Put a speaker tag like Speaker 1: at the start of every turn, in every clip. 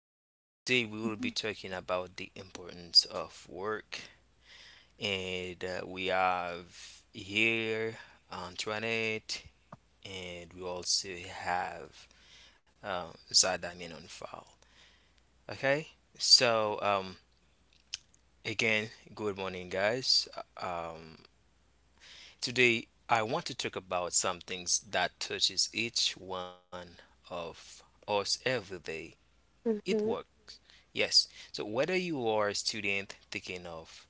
Speaker 1: and today we will be talking about the importance of work. And we have here Antoinette, and we also have Zadamin on file. Okay, so again, good morning, guys. Um, Today I want to talk about some things that touches each one of us every day. It works. Yes. So whether you are a student thinking of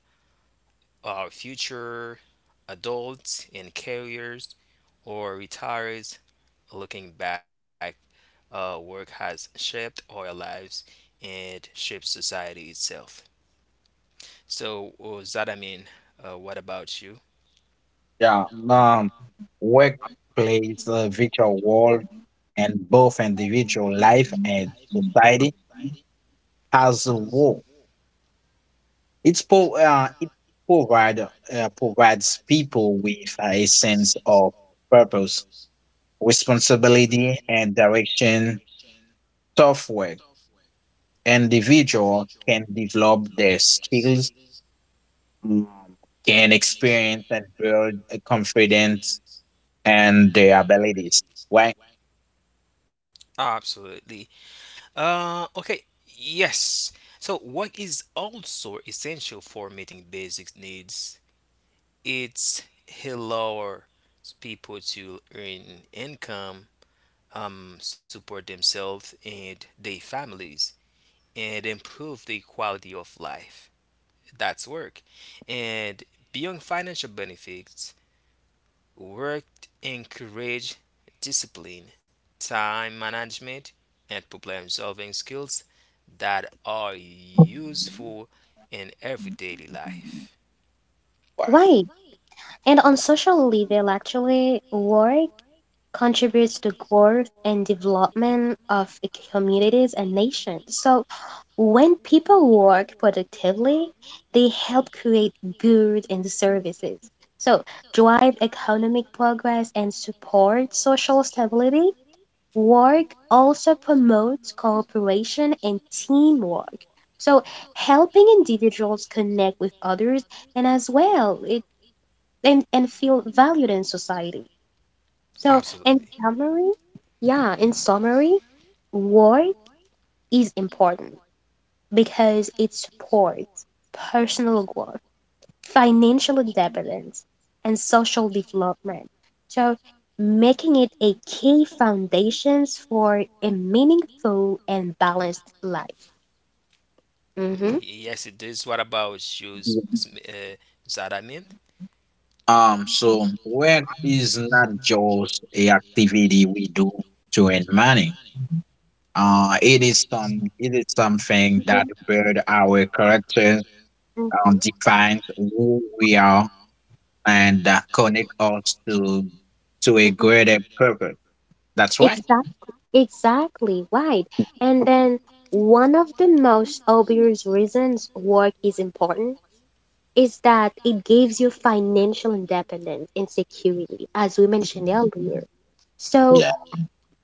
Speaker 1: our future, adults and careers, or retirees looking back, work has shaped our lives and shaped society itself. So, Zadamin, what about you?
Speaker 2: Yeah, um, workplace, plays a vital role both individual life and society has a whole. It provide, provides people with a sense of purpose, responsibility, and direction. Tough work. Individual can develop their skills, um, gain experience, and build a confidence and their abilities. Why?
Speaker 1: Absolutely. Okay. Yes. So, work is also essential for meeting basic needs. It's allows people to earn income, support themselves and their families, and improve the quality of life. That's work. And beyond financial benefits, work encourage discipline, time management, and problem solving skills that are useful in everyday life.
Speaker 3: Right. And on social level, actually, work contributes to growth and development of communities and nations. So when people work productively, they help create goods and services. So drive economic progress and support social stability. Work also promotes cooperation and teamwork. So helping individuals connect with others and as well it and feel valued in society. So in
Speaker 1: Absolutely.
Speaker 3: summary, yeah, in summary, work is important because it supports personal growth financial independence, and social development. So, making it a key foundations for a meaningful and balanced life. Mm-hmm.
Speaker 1: Yes, it is. What about shoes? You, that I mean?
Speaker 2: So work is not just a activity we do to earn money. It is something
Speaker 3: hmm
Speaker 2: that build our character,
Speaker 3: hmm
Speaker 2: defines who we are, and connect us to a greater purpose. That's why.
Speaker 3: Exactly, exactly right. And then one of the most obvious reasons work is important is that it gives you financial independence and security, as we mentioned earlier. So
Speaker 2: Yeah.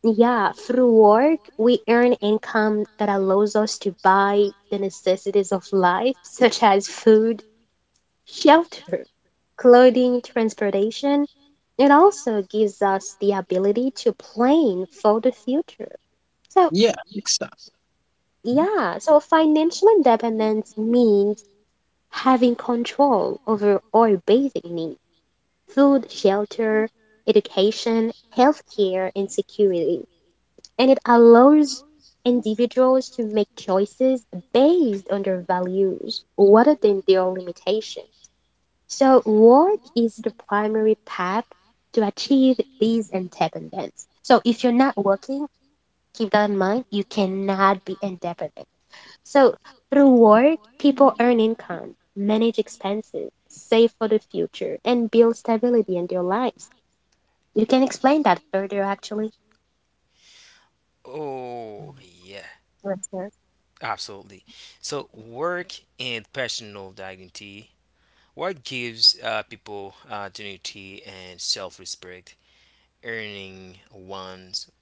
Speaker 3: yeah, through work, we earn income that allows us to buy the necessities of life, such as food, shelter, clothing, transportation. It also gives us the ability to plan for the future. So,
Speaker 2: Yeah. Exactly.
Speaker 3: yeah, so financial independence means having control over our basic needs food, shelter, education, healthcare, and security. And it allows individuals to make choices based on their values rather than their limitations. So, work is the primary path to achieve these independence. So, if you're not working, keep that in mind, you cannot be independent. So, through work, people earn income, manage expenses, save for the future, and build stability in their lives. You can explain that further, actually,
Speaker 1: Oh, yeah,
Speaker 3: listener.
Speaker 1: absolutely. So, work and personal dignity. Work gives people dignity and self-respect. Earning one's,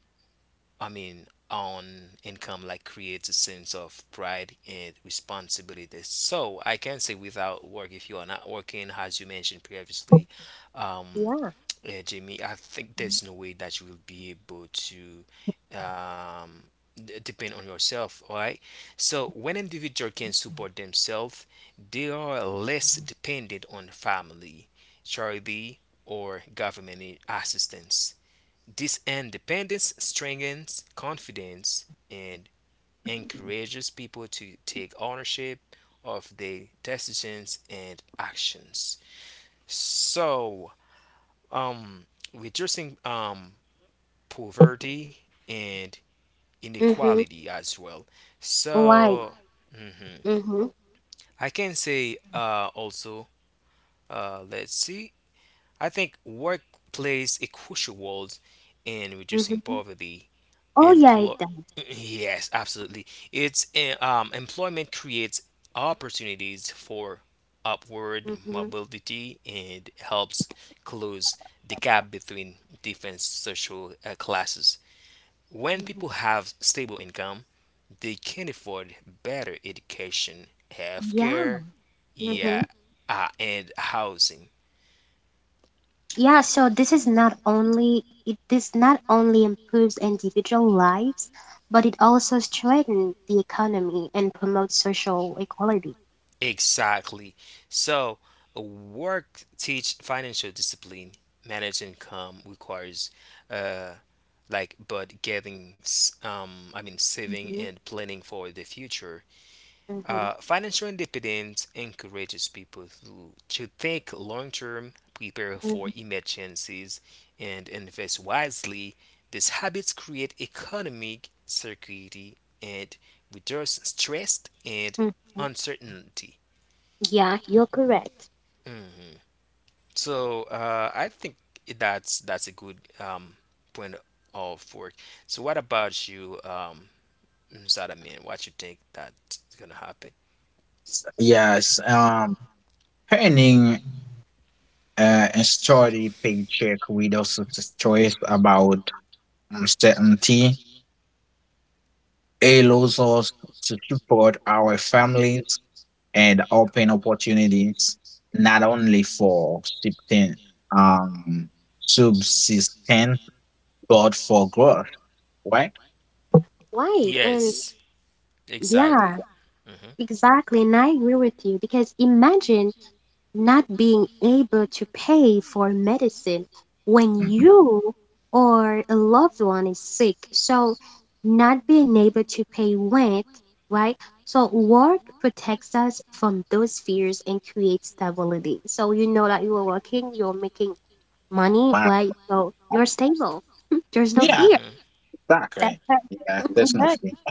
Speaker 1: I mean, own income like creates a sense of pride and responsibility. So I can say without work, if you are not working, as you mentioned previously, um,
Speaker 3: Yeah.
Speaker 1: Yeah, Jamie, I think there's no way that you will be able to um, depend on yourself, all right? So, when individual can support themselves, they are less dependent on family, charity, or government assistance. This independence strengthens confidence and encourages people to take ownership of their decisions and actions. So, um, reducing poverty and
Speaker 3: Mm-hmm.
Speaker 1: inequality as well.
Speaker 3: Why?
Speaker 1: So mhm.
Speaker 3: Mhm.
Speaker 1: I can say also, let's see, I think work plays a crucial role in reducing
Speaker 3: Mhm.
Speaker 1: poverty.
Speaker 3: Oh, yeah, it does.
Speaker 1: Yes, absolutely. It's employment creates opportunities for upward
Speaker 3: Mhm.
Speaker 1: mobility and helps close the gap between different social classes. When
Speaker 3: Mhm.
Speaker 1: people have stable income, they can afford better education,
Speaker 3: Yeah.
Speaker 1: healthcare, yeah,
Speaker 3: Mhm.
Speaker 1: and housing.
Speaker 3: Yeah, so this not only improves individual lives, but it also strengthens the economy and promotes social equality.
Speaker 1: Exactly. So, work teach financial discipline. Manage income requires, uh, like, but getting, I mean, saving
Speaker 3: Mhm.
Speaker 1: and planning for the future.
Speaker 3: Mhm.
Speaker 1: Financial independence encourages people to think long term, prepare for
Speaker 3: Mhm.
Speaker 1: emergencies, and invest wisely. These habits create economic security and reduce stress and
Speaker 3: Mhm.
Speaker 1: uncertainty.
Speaker 3: Yeah, you're correct.
Speaker 1: Mhm. So I think that's a good point of work. So what about you, Zadamin? What you think that's gonna happen?
Speaker 2: Yes. Earning a steady paycheck with also choice about uncertainty allows us to support our families and open opportunities not only for um, subsistence but for growth, right?
Speaker 3: Right. And
Speaker 1: Yes, exactly.
Speaker 3: yeah,
Speaker 1: Hmm.
Speaker 3: exactly. And I agree with you because imagine not being able to pay for medicine when
Speaker 2: Mhm.
Speaker 3: you or a loved one is sick. So, not being able to pay rent, right? So, work protects us from those fears and creates stability. So, you know that you are working, you're making money,
Speaker 2: But,
Speaker 3: right? So, you're stable. There's no
Speaker 2: yeah,
Speaker 3: fear.
Speaker 1: Hmm.
Speaker 3: That's
Speaker 2: exactly. Yeah,
Speaker 3: absolutely
Speaker 2: there's no
Speaker 3: right.
Speaker 2: fee.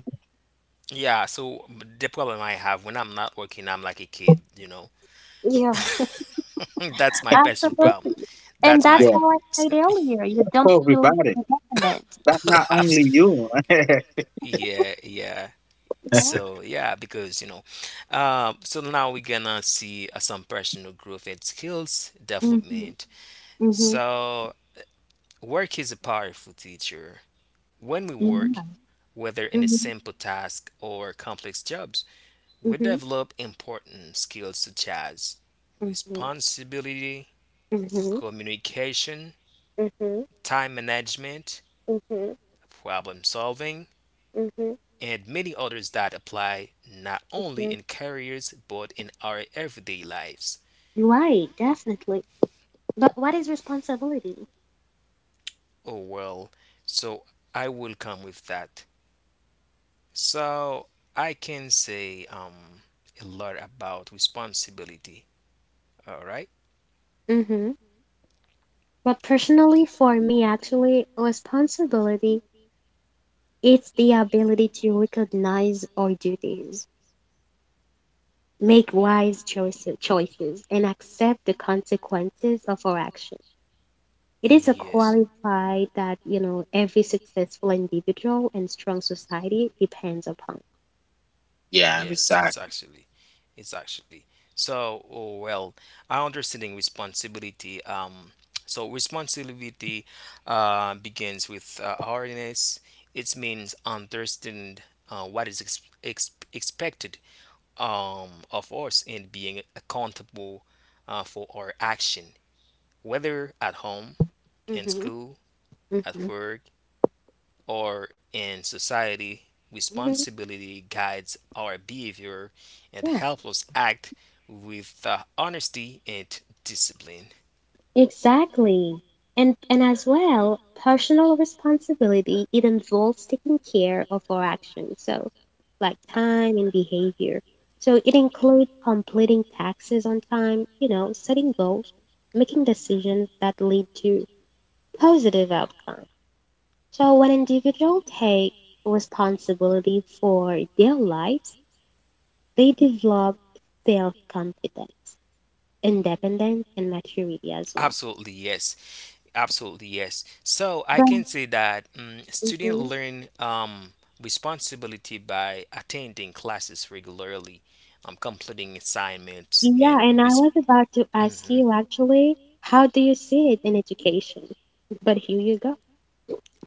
Speaker 1: Yeah. So the problem I have when I'm not working, I'm like a kid.
Speaker 3: Yeah,
Speaker 1: That's my personal problem.
Speaker 3: absolutely. And
Speaker 1: That's
Speaker 3: that's
Speaker 2: Yeah,
Speaker 1: my
Speaker 3: how I said earlier. You don't
Speaker 2: for
Speaker 3: feel
Speaker 2: everybody.
Speaker 3: independent.
Speaker 2: That's not only
Speaker 1: perhaps.
Speaker 2: you.
Speaker 1: Yeah, yeah.
Speaker 3: Yeah.
Speaker 1: So yeah, because so now we're gonna see some personal growth and skills
Speaker 3: Mm-hmm.
Speaker 1: development.
Speaker 3: Mm-hmm.
Speaker 1: So work is a powerful teacher. When we work,
Speaker 3: Yeah.
Speaker 1: whether in a
Speaker 3: Mhm.
Speaker 1: simple task or complex jobs, we
Speaker 3: Mhm.
Speaker 1: develop important skills such as
Speaker 3: Mhm.
Speaker 1: responsibility,
Speaker 3: Mhm.
Speaker 1: communication,
Speaker 3: Mhm.
Speaker 1: time management,
Speaker 3: Mhm.
Speaker 1: problem solving,
Speaker 3: Mhm.
Speaker 1: and many others that apply not only
Speaker 3: Yes.
Speaker 1: in careers but in our everyday lives.
Speaker 3: You're right. Definitely. But what is responsibility?
Speaker 1: Oh, well, so I will come with that. So I can say a lot about responsibility. All right?
Speaker 3: Mhm. But personally, for me, actually, responsibility it's the ability to recognize our duties, make wise choices, and accept the consequences of our actions. It is a
Speaker 1: Yes.
Speaker 3: quality that you know every successful individual and strong society depends upon.
Speaker 2: Yeah,
Speaker 1: Yes, it's
Speaker 2: exactly.
Speaker 1: actually, it's actually. So, oh, well, I understanding responsibility. So responsibility begins with awareness. It means understand what is ex ex expected of us and being accountable for our action, whether at home, in
Speaker 3: Mhm.
Speaker 1: school, at
Speaker 3: Mhm.
Speaker 1: work, or in society,
Speaker 3: Mhm.
Speaker 1: responsibility guides our behavior and
Speaker 3: Yeah,
Speaker 1: helps us act with honesty and discipline.
Speaker 3: exactly. and as well, personal responsibility, it involves taking care of our actions, so like time and behavior. So it includes completing taxes on time, you know, setting goals, making decisions that lead to positive outcome. So when individuals take responsibility for their lives, they develop self-confidence, independence, and maturity as well.
Speaker 1: Absolutely, yes. Absolutely, yes. So I can say that students
Speaker 3: Mhm.
Speaker 1: learn responsibility by attending classes regularly, completing assignments,
Speaker 3: Yeah,
Speaker 1: and
Speaker 3: and I
Speaker 1: resp-
Speaker 3: was about to ask
Speaker 1: Mhm.
Speaker 3: you actually, how do you see it in education? But here you go.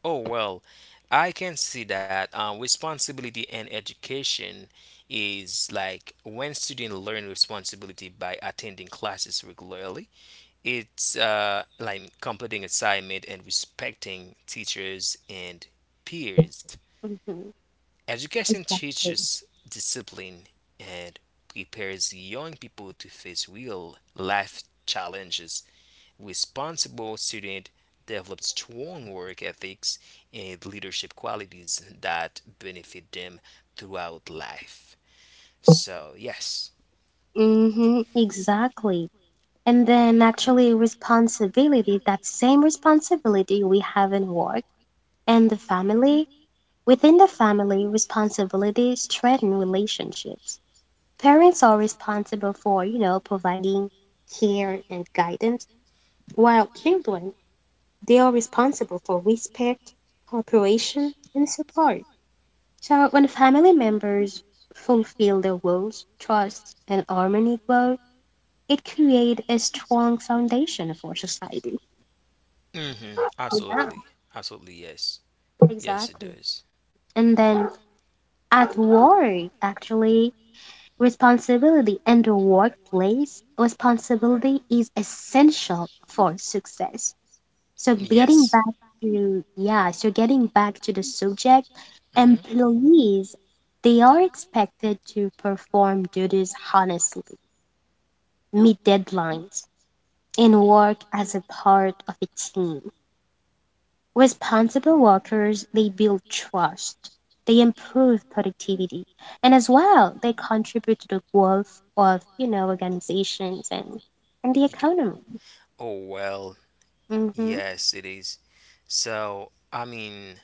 Speaker 1: Oh, well, I can see that responsibility and education is like when students learn responsibility by attending classes regularly. It's like completing assignment and respecting teachers and peers.
Speaker 3: Mhm.
Speaker 1: Education teaches discipline and prepares young people to face real life challenges. Responsible student develops strong work ethics and leadership qualities that benefit them throughout life. So, yes.
Speaker 3: Mm-hmm, exactly. And then actually responsibility, that same responsibility we have in work and the family, within the family, responsibilities threaten relationships. Parents are responsible for, you know, providing care and guidance, while children, they are responsible for respect, cooperation, and support. So when family members fulfill their roles, trust and harmony grow, it creates a strong foundation for society. Yeah,
Speaker 1: Absolutely. Absolutely, yes. Yes, it
Speaker 3: exactly.
Speaker 1: does.
Speaker 3: And
Speaker 1: hmm
Speaker 3: then at work, actually, responsibility in the workplace, responsibility is essential for success. So getting
Speaker 1: Yes.
Speaker 3: back to yeah, so getting back to the subject,
Speaker 1: hmm
Speaker 3: employees they are expected to perform duties honestly, meet deadlines, and work as a part of a team. Responsible workers, they build trust, they improve productivity, and as well, they contribute to the growth of, you know, organizations and the
Speaker 1: You could,
Speaker 3: economy.
Speaker 1: oh, well,
Speaker 3: Mhm.
Speaker 1: yes, it is. So, I mean,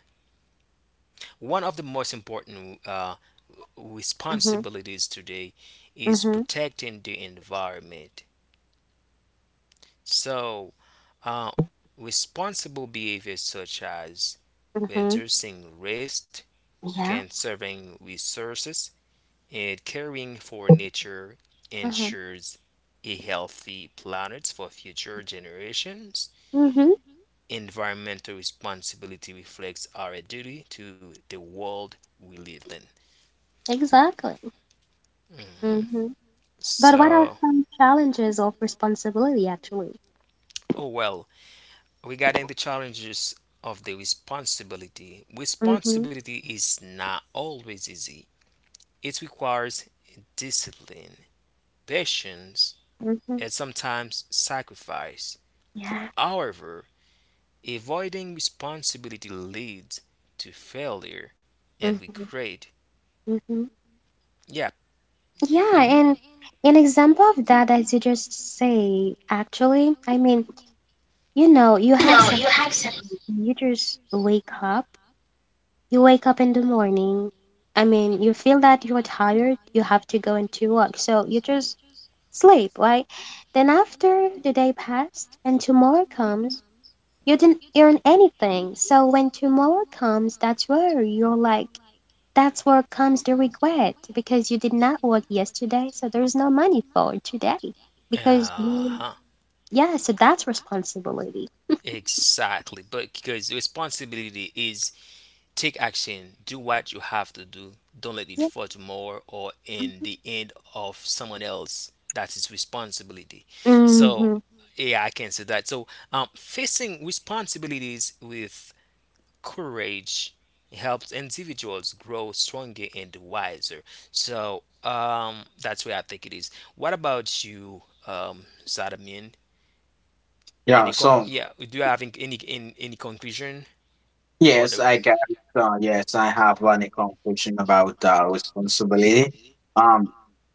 Speaker 1: one of the most important
Speaker 3: Mhm.
Speaker 1: responsibilities today is
Speaker 3: Mhm.
Speaker 1: protecting the environment. So, uh, responsible behaviors such as
Speaker 3: Mhm.
Speaker 1: reducing waste,
Speaker 3: Yeah.
Speaker 1: conserving resources, and caring for nature
Speaker 3: Mhm.
Speaker 1: ensures a healthy planet for future generations.
Speaker 3: Mhm.
Speaker 1: Environmental responsibility reflects our duty to the world we live in.
Speaker 3: Exactly.
Speaker 1: Mhm.
Speaker 3: hmm But what are
Speaker 1: So,
Speaker 3: some challenges of responsibility actually?
Speaker 1: oh well, regarding the challenges of the responsibility,
Speaker 3: Mm-hmm.
Speaker 1: responsibility is not always easy. It requires discipline, patience,
Speaker 3: Mm-hmm.
Speaker 1: and sometimes sacrifice.
Speaker 3: Yeah.
Speaker 1: However, avoiding responsibility leads to failure and
Speaker 3: Mm-hmm.
Speaker 1: regret.
Speaker 3: Mm-hmm.
Speaker 1: Yeah.
Speaker 3: Yeah,
Speaker 1: hmm
Speaker 3: and an example of that, as you just say, actually, I mean, you know, you have
Speaker 2: No,
Speaker 3: some,
Speaker 2: you have some.
Speaker 3: you just wake up, you wake up in the morning. I mean, you feel that you're tired, you have to go into work, so you just sleep, right? Then after the day passed and tomorrow comes, you didn't earn anything, so when tomorrow comes that's where you're like that's where comes the regret because you did not work yesterday, so there's no money for today because
Speaker 1: Uh huh.
Speaker 3: yeah, so that's responsibility.
Speaker 1: Exactly, but because responsibility is. Take action. Do what you have to do. Don't let it
Speaker 3: Yeah.
Speaker 1: fall tomorrow or in the end of someone else. That is responsibility. So,
Speaker 3: Mhm.
Speaker 1: yeah, I can say that. So, facing responsibilities with courage helps individuals grow stronger and wiser. So, that's where I think it is. What about you, Zadamin?
Speaker 2: Yeah, so
Speaker 1: Yeah, do you have any conclusion? For
Speaker 2: yes,
Speaker 1: the.
Speaker 2: I get it. Yes, I have one conclusion about responsibility. Um,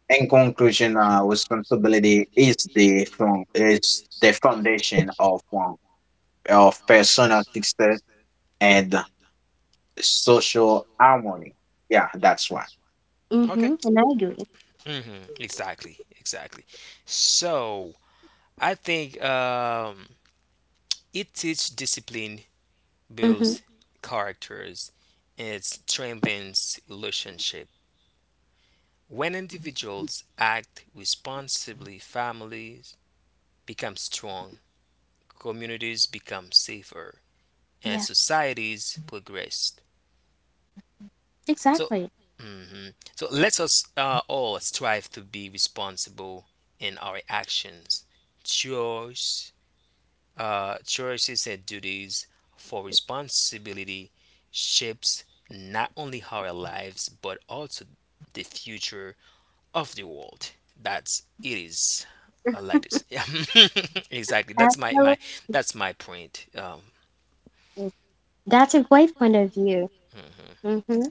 Speaker 2: in conclusion, responsibility is the foundation of personal success and social harmony. Yeah, that's why.
Speaker 1: Okay.
Speaker 3: Mhm. And I agree.
Speaker 1: Exactly. Exactly. So I think it teaches discipline,
Speaker 3: Mhm.
Speaker 1: builds characters, and strengthens relationship. When individuals act responsibly, families become strong, communities become safer,
Speaker 3: Yeah.
Speaker 1: and societies progress. So,
Speaker 3: Exactly.
Speaker 1: mhm. so let us all strive to be responsible in our actions, choice, choices and duties for responsibility shapes not only our lives but also the future of the world. That's it is like this. Yeah. Exactly. That's my my
Speaker 3: Absolutely.
Speaker 1: that's my point.
Speaker 3: That's a great point of view.
Speaker 1: Mhm.
Speaker 3: Mhm.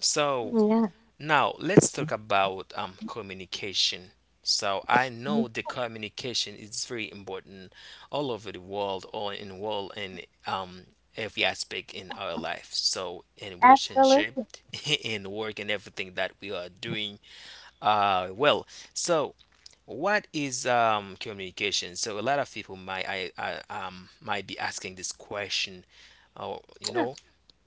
Speaker 1: So.
Speaker 3: Yeah.
Speaker 1: Now let's talk about communication. So I know the communication is very important all over the world, all in world, and every aspect in our life. So in relationship,
Speaker 3: Absolutely.
Speaker 1: in work, and everything that we are doing. Well, so what is communication? So a lot of people might I might be asking this question. Oh,
Speaker 3: Sure.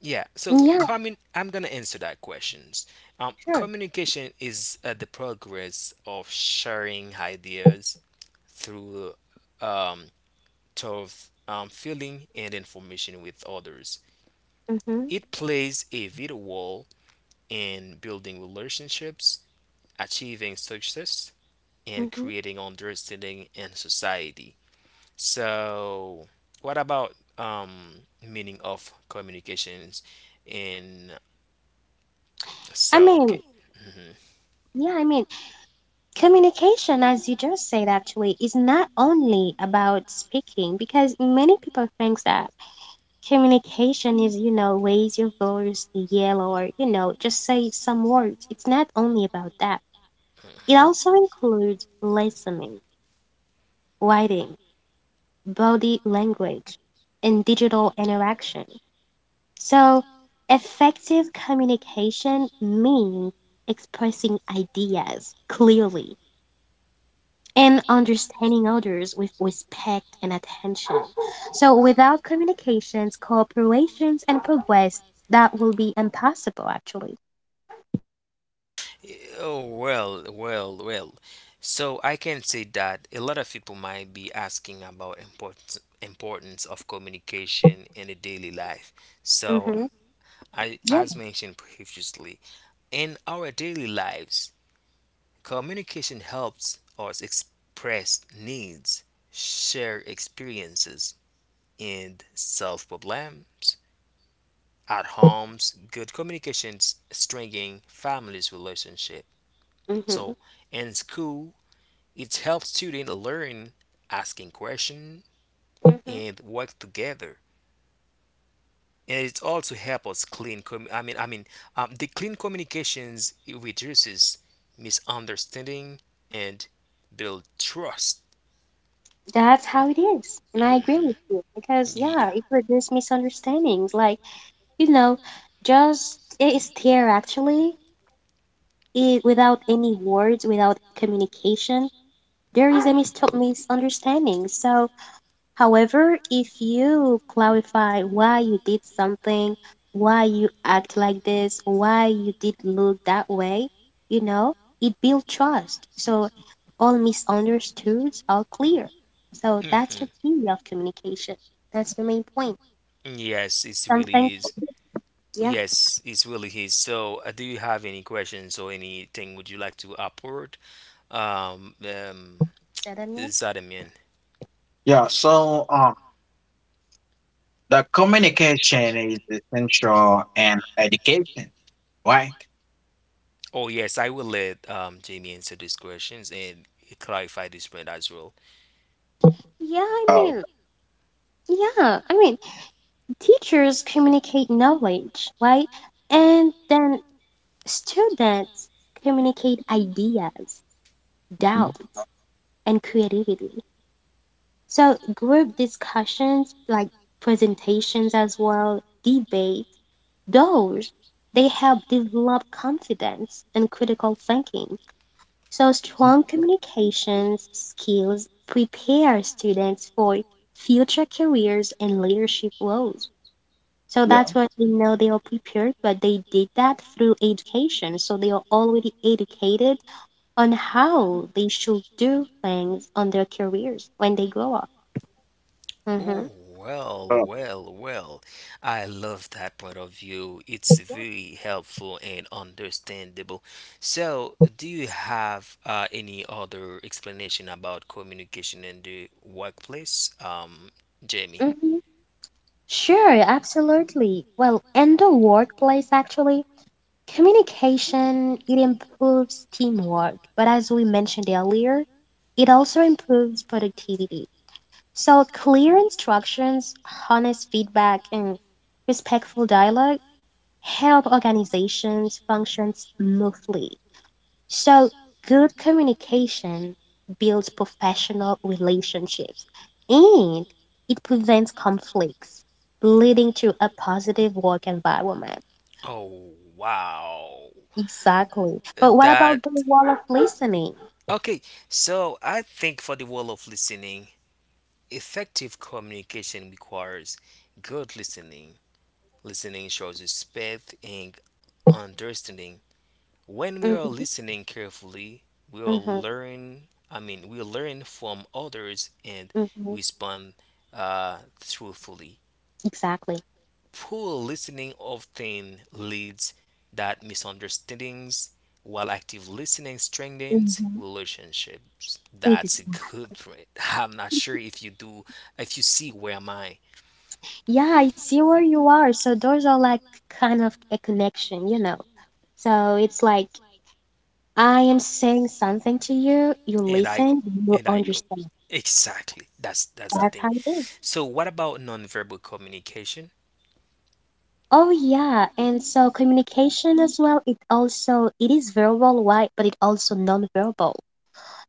Speaker 1: yeah, so
Speaker 3: Yeah.
Speaker 1: commun I'm gonna answer that questions.
Speaker 3: Sure.
Speaker 1: Communication is the progress of sharing ideas through um, thought, feeling, and information with others.
Speaker 3: Mhm.
Speaker 1: It plays a vital role in building relationships, achieving success, and
Speaker 3: Mhm.
Speaker 1: creating understanding in society. So, what about meaning of communications in
Speaker 3: I
Speaker 1: so? Okay.
Speaker 3: mean, yeah. I mean, communication, as you just said, actually, is not only about speaking because many people think that communication is, you know, raise your voice, yell, or, you know, just say some words. It's not only about that. It
Speaker 1: Mhm.
Speaker 3: also includes listening, writing, body language, and digital interaction. So, effective communication means expressing ideas clearly and understanding others with respect and attention. So without communications, cooperations, and progress, that will be impossible actually.
Speaker 1: Oh, well, well, well. So I can say that a lot of people might be asking about importance of communication in a daily life. So
Speaker 3: Mm-hmm.
Speaker 1: I
Speaker 3: Yeah.
Speaker 1: as mentioned previously, in our daily lives, communication helps us express needs, share experiences, and solve problems at homes. Good communications strengthen families' relationship.
Speaker 3: Mm-hmm.
Speaker 1: So in school, it helps students learn asking questions
Speaker 3: Mm-hmm.
Speaker 1: and work together. And it also helps us clean. I mean, the clean communications it reduces misunderstanding and build trust.
Speaker 3: That's how it is. And I agree
Speaker 1: Mhm.
Speaker 3: with you because, yeah,
Speaker 1: Yeah.
Speaker 3: it produces misunderstandings. Like, you know, just it is there actually it, without any words, without communication. There is a misunderstanding. So however, if you clarify why you did something, why you act like this, why you did look that way, you know, it builds trust. So all misunderstoods are clear. So that's the
Speaker 1: Mhm.
Speaker 3: key of communication. That's the main point.
Speaker 1: Yes, it
Speaker 3: Something,
Speaker 1: really is.
Speaker 3: yeah.
Speaker 1: Yes, it really is. So, do you have any questions or anything would you like to upload? Um, um,
Speaker 3: Said Daniel?
Speaker 1: is that a man?
Speaker 2: Yeah, so the communication is essential and education, right?
Speaker 1: Oh, yes, I will let Jamie answer these questions and clarify this point as well.
Speaker 3: Yeah, I
Speaker 2: Um,
Speaker 3: mean, yeah, I mean, teachers communicate knowledge, right? And then students communicate ideas, doubts, and creativity. So group discussions, like presentations as well, debates, those they help develop confidence and critical thinking. So strong communications skills prepare students for future careers and leadership roles. So that's
Speaker 2: yeah.
Speaker 3: what we know they are prepared, but they did that through education. So they are already educated on how they should do things on their careers when they grow up. Mm-hmm.
Speaker 1: Oh, well,
Speaker 2: Oh,
Speaker 1: well, well. I love that point of view. It's
Speaker 3: Yeah.
Speaker 1: very helpful and understandable. So, do you have any other explanation about communication in the workplace, Jamie?
Speaker 3: Mm-hmm. Sure, absolutely. Well, in the workplace, actually, communication, it improves teamwork. But as we mentioned earlier, it also improves productivity. So clear instructions, honest feedback, and respectful dialogue help organizations function smoothly. So, good communication builds professional relationships and it prevents conflicts, leading to a positive work environment.
Speaker 1: Oh, wow.
Speaker 3: Exactly. But what
Speaker 1: That
Speaker 3: about the wall of listening?
Speaker 1: Okay, so I think for the wall of listening, effective communication requires good listening. Listening shows respect and understanding. When we are
Speaker 3: Mm-hmm,
Speaker 1: listening carefully, we'll
Speaker 3: mm-hmm,
Speaker 1: learn, I mean, we learn from others and
Speaker 3: mm-hmm.
Speaker 1: respond truthfully.
Speaker 3: Exactly.
Speaker 1: Poor listening often leads to misunderstandings, while active listening strengthens
Speaker 3: Mm-hmm.
Speaker 1: relationships. That's a
Speaker 3: Exactly.
Speaker 1: good point. I'm not sure if you see where am my
Speaker 3: Yeah, I see where you are. So those are like kind of a connection, you know. So it's like I am saying something to you, you
Speaker 1: and I go
Speaker 3: listen, you
Speaker 1: and I go,
Speaker 3: understand.
Speaker 1: exactly. That's
Speaker 2: yeah.
Speaker 1: the
Speaker 3: That's
Speaker 1: thing.
Speaker 3: how it is.
Speaker 1: So what about nonverbal communication?
Speaker 3: Oh yeah, and so communication as well, it also it is verbal, right? But it also non-verbal.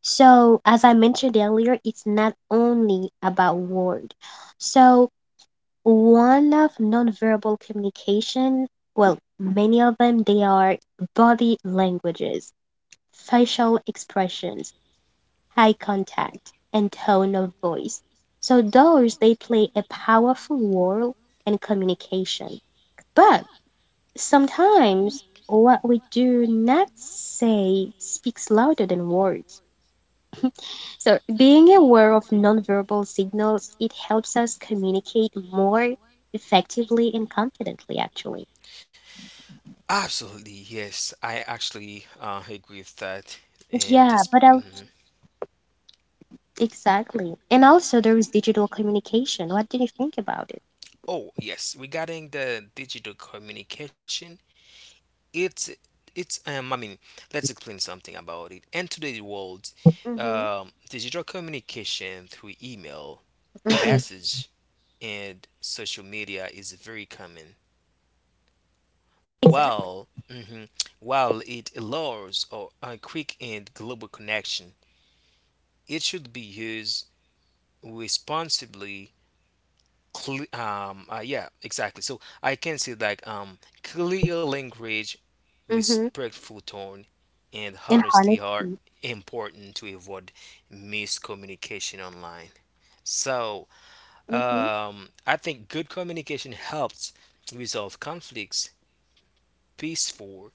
Speaker 3: So as I mentioned earlier, it's not only about word. So one of non-verbal communication, well, many of them they are body languages, facial expressions, eye contact, and tone of voice. So those they play a powerful role in communication. But sometimes what we do not say speaks louder than words. So, being aware of nonverbal signals, it helps us communicate more effectively and confidently, actually.
Speaker 1: Absolutely, yes. I actually agree with that. And
Speaker 3: Yeah,
Speaker 1: this,
Speaker 3: but I
Speaker 1: mhm.
Speaker 3: exactly. And also, there is digital communication. What do you think about it?
Speaker 1: Oh yes, regarding the digital communication, it's it's I mean, let's explain something about it. In today's world,
Speaker 3: Mm-hmm,
Speaker 1: digital communication through email,
Speaker 3: mm-hmm,
Speaker 1: message, and social media is very common.
Speaker 3: exactly.
Speaker 1: While mhm, while it allows a quick and global connection, it should be used responsibly. Yeah, exactly. So I can say like clear language
Speaker 3: Mm-hmm.
Speaker 1: respectful tone, and
Speaker 3: And
Speaker 1: honesty are
Speaker 3: honesty.
Speaker 1: important to avoid miscommunication online. So,
Speaker 3: Mm-hmm,
Speaker 1: I think good communication helps resolve conflicts peaceful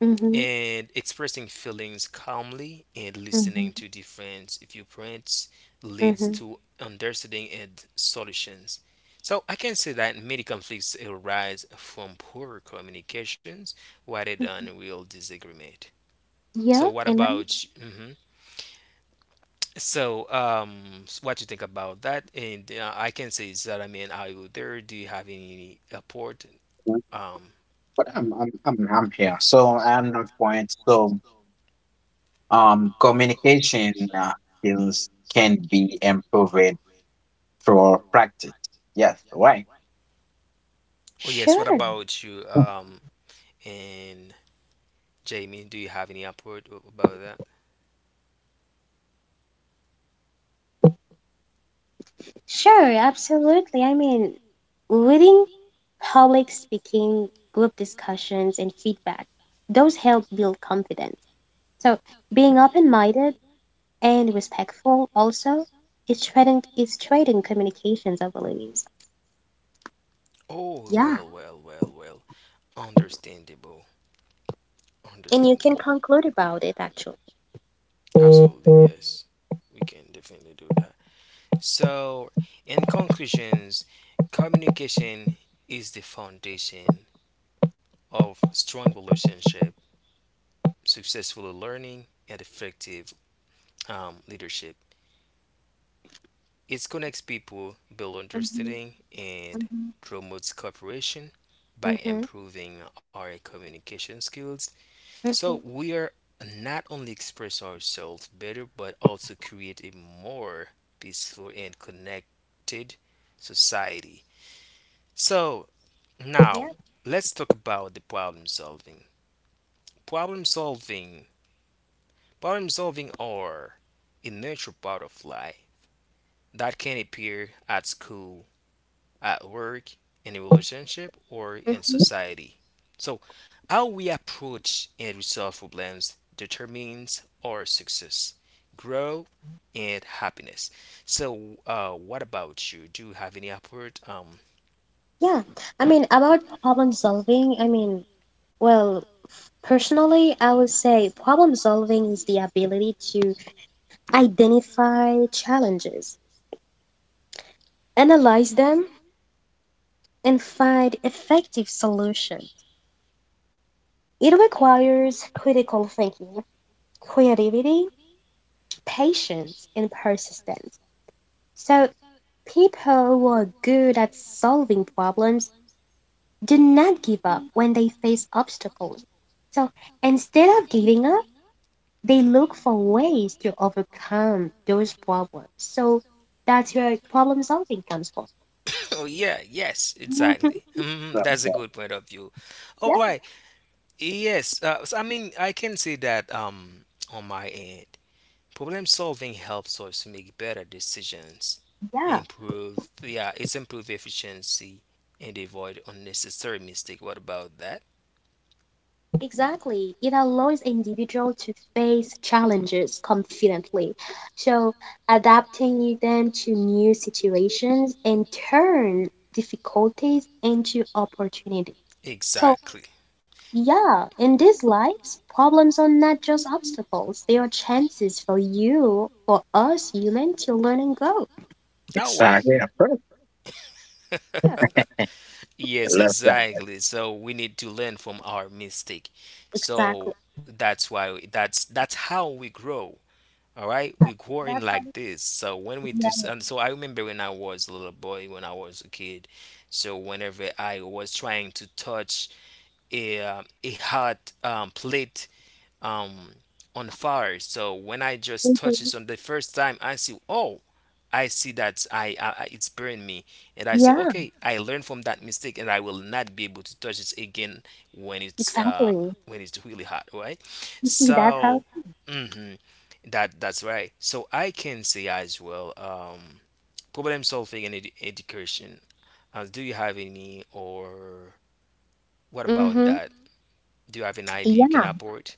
Speaker 3: mm-hmm,
Speaker 1: and expressing feelings calmly and
Speaker 3: mm-hmm,
Speaker 1: listening to different viewpoints leads
Speaker 3: mm-hmm.
Speaker 1: to understanding and solutions. So I can say that many conflicts arise from poor communications rather than real disagreement. So
Speaker 3: Yeah,
Speaker 1: what
Speaker 3: and
Speaker 1: about
Speaker 3: I'm
Speaker 1: what you think about that? And I can say is that I mean are you there? Do you have any apport? Um
Speaker 2: But I'm here, so I'm not point. So communication skills can be improved through practice. Yes, right.
Speaker 1: oh yes, what
Speaker 3: sure.
Speaker 1: about you
Speaker 2: Love
Speaker 1: and Jamie, do you have any apport about that?
Speaker 3: Sure, absolutely. I mean, reading, public speaking, group discussions, and feedback, those help build confidence. So being open-minded and respectful also is trading communications abilities.
Speaker 1: Oh,
Speaker 3: Yeah,
Speaker 1: well, well, well, well, understandable
Speaker 3: and you can
Speaker 1: understandable.
Speaker 3: conclude about it actually.
Speaker 1: Absolutely, yes. We can definitely do that. So, in conclusions, communication is the foundation of strong relationship, successful learning, and effective leadership. It connects people, builds
Speaker 3: Mm-hmm,
Speaker 1: understanding, and
Speaker 3: mm-hmm,
Speaker 1: promotes cooperation by
Speaker 3: mm-hmm,
Speaker 1: improving our communication skills. So
Speaker 3: mm-hmm.
Speaker 1: we are not only express ourselves better, but also create a more peaceful and connected society. So now
Speaker 3: Yeah,
Speaker 1: let's talk about the problem solving. Problem solving Problem solving are a natural part of life that can appear at school, at work, in a relationship, or in
Speaker 3: mm-hmm.
Speaker 1: society. So, how we approach and resolve problems determines our success, growth, and happiness. So, what about you? Do you have any approach?
Speaker 3: Yeah. I mean, about problem solving, I mean, well, personally, I would say problem solving is the ability to identify challenges, analyze them, and find effective solutions. It requires critical thinking, creativity, patience, and persistence. So, people who are good at solving problems do not give up when they face obstacles. So, instead of giving up, they look for ways to overcome those problems. So, that's where problem solving comes from.
Speaker 1: Oh yeah, yes,
Speaker 3: Mhm.
Speaker 1: exactly.
Speaker 2: that.
Speaker 1: Mhm, that's a good point of view. All
Speaker 3: Yeah,
Speaker 1: right. Yes. So, I mean, I can say that on my end. Problem solving helps us make better decisions,
Speaker 3: yeah.
Speaker 1: improve yeah, it's improve efficiency and avoid unnecessary mistake. What about that?
Speaker 3: Exactly. It allows individual to face challenges confidently, so adapting them to new situations and turn difficulties into opportunity. So,
Speaker 1: Exactly.
Speaker 3: yeah, in these lives, problems are not just obstacles, they are chances for you, for us human to learn and grow.
Speaker 1: All right.
Speaker 2: Exactly. Of course.
Speaker 3: Yeah,
Speaker 2: I
Speaker 1: Yes,
Speaker 2: love
Speaker 1: exactly. So we need to learn from our mistake. So
Speaker 3: exactly.
Speaker 1: that's why that's how we grow. All right, we're growing
Speaker 3: That's how,
Speaker 1: like this. So when we do,
Speaker 3: yeah,
Speaker 1: s- and so I remember when I was a little boy, when I was a kid. So whenever I was trying to touch a hot plate um, on fire. So when I just touch
Speaker 3: mhm.
Speaker 1: it on the first time, I see oh. I see that I it's burned me, and I say,
Speaker 3: Yeah,
Speaker 1: okay, I learned from that mistake, and I will not be able to touch it again when it's uh,
Speaker 3: exactly.
Speaker 1: when it's really hot, right?
Speaker 3: That's how,
Speaker 1: So, hmm that's right. So I can say as well, problem solving and education. Do you have any, or what about
Speaker 3: hmm
Speaker 1: that? Do you have an idea you can
Speaker 3: yeah.
Speaker 1: abort?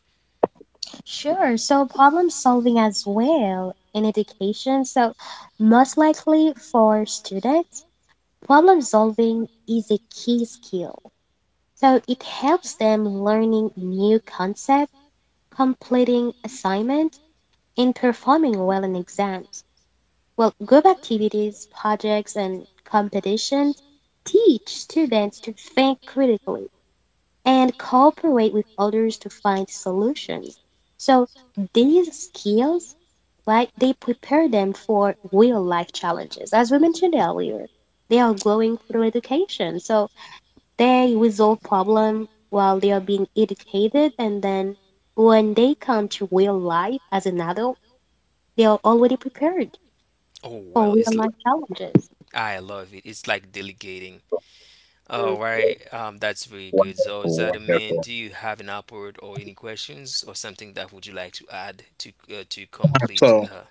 Speaker 3: Sure. So problem solving as well in education. So most likely for students, problem solving is a key skill. So it helps them learning new concept, completing assignment, and performing well in exams. Well, group activities, projects, and competitions teach students to think critically and cooperate with others to find solutions. So these skills, right, they prepare them for real life challenges. As we mentioned earlier, they are growing through education. So they resolve problem while they are being educated and then when they come to real life as an adult, they are already prepared
Speaker 1: Oh well,
Speaker 3: for real
Speaker 1: it's l-
Speaker 3: life challenges.
Speaker 1: I love it. It's like delegating.
Speaker 2: that.
Speaker 3: Mm.
Speaker 1: All right, that's very good.
Speaker 2: Wonderful,
Speaker 1: So, Zadaman,
Speaker 2: wonderful.
Speaker 1: do you have an upward or any questions or something that would you like to add to complete?
Speaker 2: So,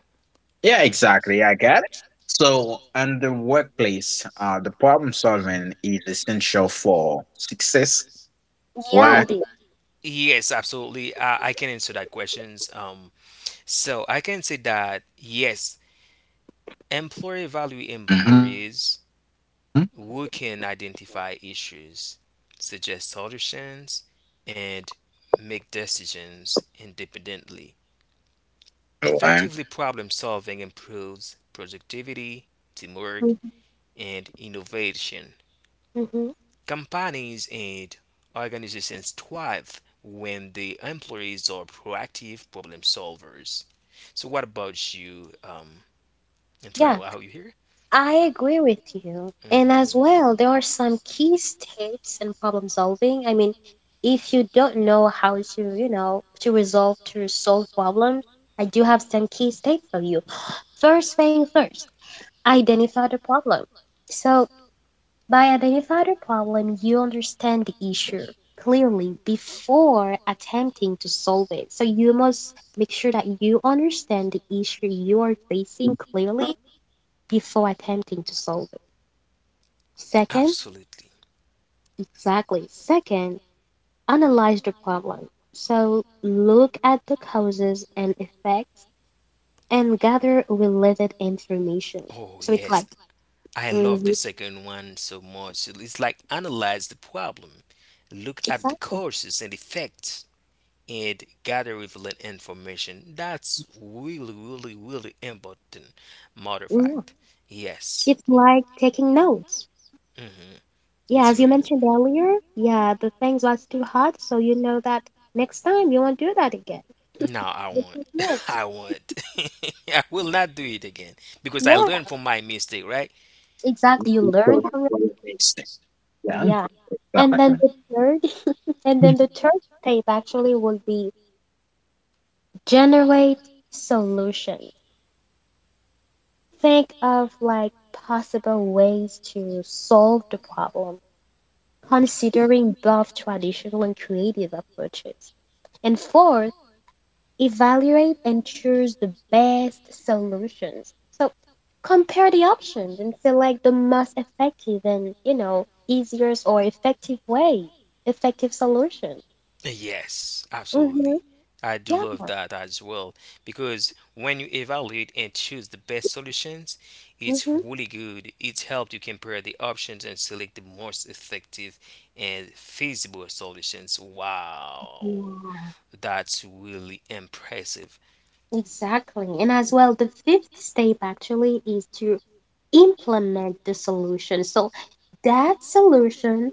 Speaker 2: yeah, exactly. I
Speaker 1: Mhm.
Speaker 2: got it. So, in the workplace, the problem solving is essential for success.
Speaker 3: Yeah, I
Speaker 2: Why?
Speaker 1: Oh,
Speaker 3: did.
Speaker 1: yes, absolutely. I can answer that questions. So I can say that yes, employer value
Speaker 2: Mm-hmm.
Speaker 1: employees who can identify issues, suggest solutions, and make decisions independently.
Speaker 2: Why?
Speaker 1: Effectively problem solving improves productivity, teamwork,
Speaker 3: hmm
Speaker 1: and innovation. Companies and organizations thrive when the employees are proactive problem solvers. So, what about you,
Speaker 3: Yeah.
Speaker 1: Antoine? How you here?
Speaker 3: I agree with you. And as well, there are some key steps in problem solving.
Speaker 1: hmm
Speaker 3: If you don't know how to, you know, to resolve to solve problems, I do have some key steps for you. First thing first, identify the problem. So, by identify the problem, you understand the issue clearly before attempting to solve it. So, you must make sure that you understand the issue you are facing clearly before attempting to solve it. Second,
Speaker 1: Absolutely.
Speaker 3: exactly. Second, analyze the problem. So look at the causes and effects and gather related information.
Speaker 1: Oh,
Speaker 3: So it's
Speaker 1: yes.
Speaker 3: like,
Speaker 1: I love
Speaker 3: hmm
Speaker 1: the second one so much. It's like analyze the problem, look at the
Speaker 3: exactly.
Speaker 1: causes and effects, and gather relevant information. That's really, really, really important. Matter of
Speaker 3: Yeah.
Speaker 1: fact, yes,
Speaker 3: It's like taking notes.
Speaker 1: hmm
Speaker 3: Yeah,
Speaker 1: it's
Speaker 3: as you
Speaker 1: really
Speaker 3: mentioned
Speaker 1: important.
Speaker 3: earlier, yeah, the things was too hot, so you know that next time you won't do that again.
Speaker 1: No, I won't.
Speaker 3: Take notes.
Speaker 1: I won't. I will not do it again because I
Speaker 3: Yeah,
Speaker 1: learned from my mistake, right?
Speaker 3: exactly. You learn from it.
Speaker 2: Yeah,
Speaker 3: Yeah. And then
Speaker 2: exactly.
Speaker 3: the third, and then the third step actually will be generate solutions. Think of like possible ways to solve the problem, considering both traditional and creative approaches. And fourth, evaluate and choose the best solutions. So compare the options and select the most effective and, you know, easiest or effective effective solution.
Speaker 1: Yes,
Speaker 3: Mm-hmm.
Speaker 1: absolutely. I do
Speaker 3: Yeah.
Speaker 1: love that as well because when you evaluate and choose the best solutions, it's
Speaker 3: Mm-hmm.
Speaker 1: really good. It helps you compare the options and select the most effective and feasible solutions. Wow, that's really impressive.
Speaker 3: Exactly. And as well, the fifth step actually is to implement the solution. So that solution,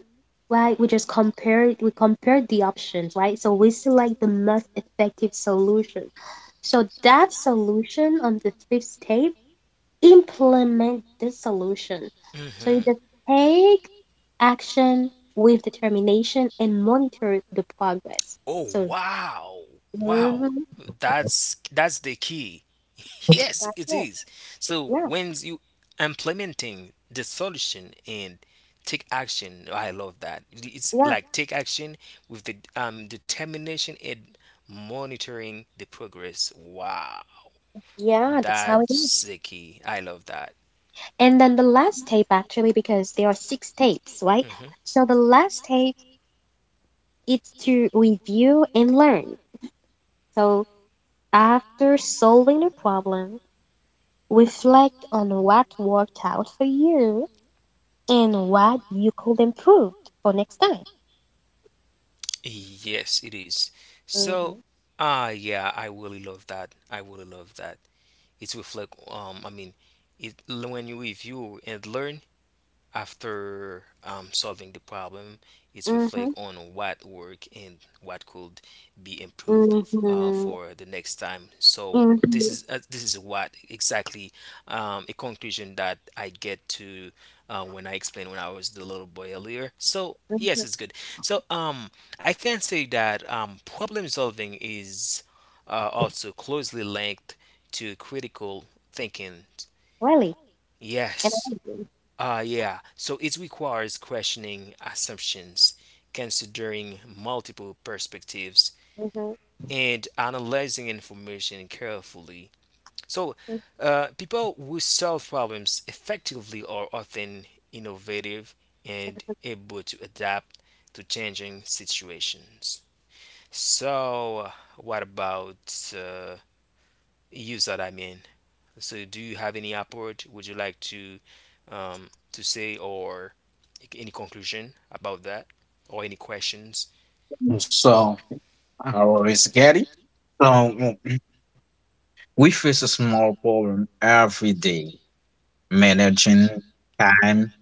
Speaker 3: right, we just compare. We compare the options, right? So we select the most effective solution. So that solution on the fifth step, implement the solution. So you
Speaker 1: hmm
Speaker 3: just take action with determination and monitor the progress.
Speaker 1: Oh
Speaker 3: So
Speaker 1: wow, wow,
Speaker 3: mhm,
Speaker 1: that's the key. Yes,
Speaker 3: that's
Speaker 1: it
Speaker 3: it.
Speaker 1: is. So
Speaker 3: Yeah,
Speaker 1: when you implementing the solution and take action, oh, I love that. It's
Speaker 3: yeah.
Speaker 1: like take action with the determination and monitoring the progress. Wow,
Speaker 3: Yeah, that's how it
Speaker 1: that's
Speaker 3: is.
Speaker 1: the key. I love that.
Speaker 3: And then the last tape, actually, because there are six tapes, right?
Speaker 1: hmm
Speaker 3: So the last tape is to review and learn. So after solving the problem, reflect on what worked out for you and what you could improve for next time.
Speaker 1: Yes, it is. So,
Speaker 3: Mm-hmm.
Speaker 1: ah, yeah, I really love that. I really love that. It's reflect. I mean, it when you review and learn, after solving the problem, it's
Speaker 3: Mm-hmm.
Speaker 1: reflect on what worked and what could be improved
Speaker 3: Mm-hmm.
Speaker 1: for the next time. So
Speaker 3: Mm-hmm.
Speaker 1: this is what exactly a conclusion that I get to when I explained when I was the little boy earlier. So
Speaker 3: Mm-hmm.
Speaker 1: yes, it's good. So I can say that problem solving is also closely linked to critical thinking.
Speaker 3: Really?
Speaker 1: Yes, yeah, so it requires questioning assumptions, considering multiple perspectives,
Speaker 3: Mm-hmm.
Speaker 1: and analyzing information carefully. So, people who solve problems effectively are often innovative and able to adapt to changing situations. So, what about user? I mean, so, do you have any upward? Would you like to say or any conclusion about that or any questions?
Speaker 2: So, I always get it. So, we face a small problem every day managing time,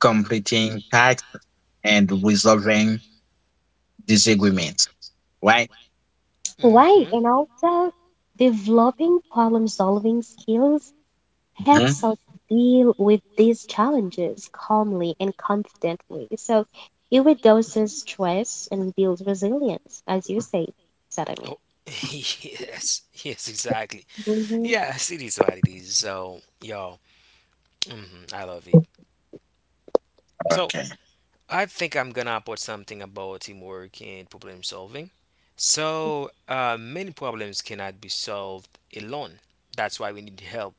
Speaker 2: completing tasks, and resolving disagreements, right?
Speaker 3: Right.
Speaker 1: hmm
Speaker 3: And also developing problem solving skills
Speaker 2: Hmm.
Speaker 3: helps us deal with these challenges calmly and confidently. So it reduces stress and builds resilience, as you say, Sadamir.
Speaker 1: Oh, yes, yes, exactly.
Speaker 3: Mm-hmm,
Speaker 1: Yes, it is what it is. So, yo, mhm, I love it. So,
Speaker 2: Okay.
Speaker 1: I think I'm gonna put something about teamwork and problem solving. So, many problems cannot be solved alone. That's why we need help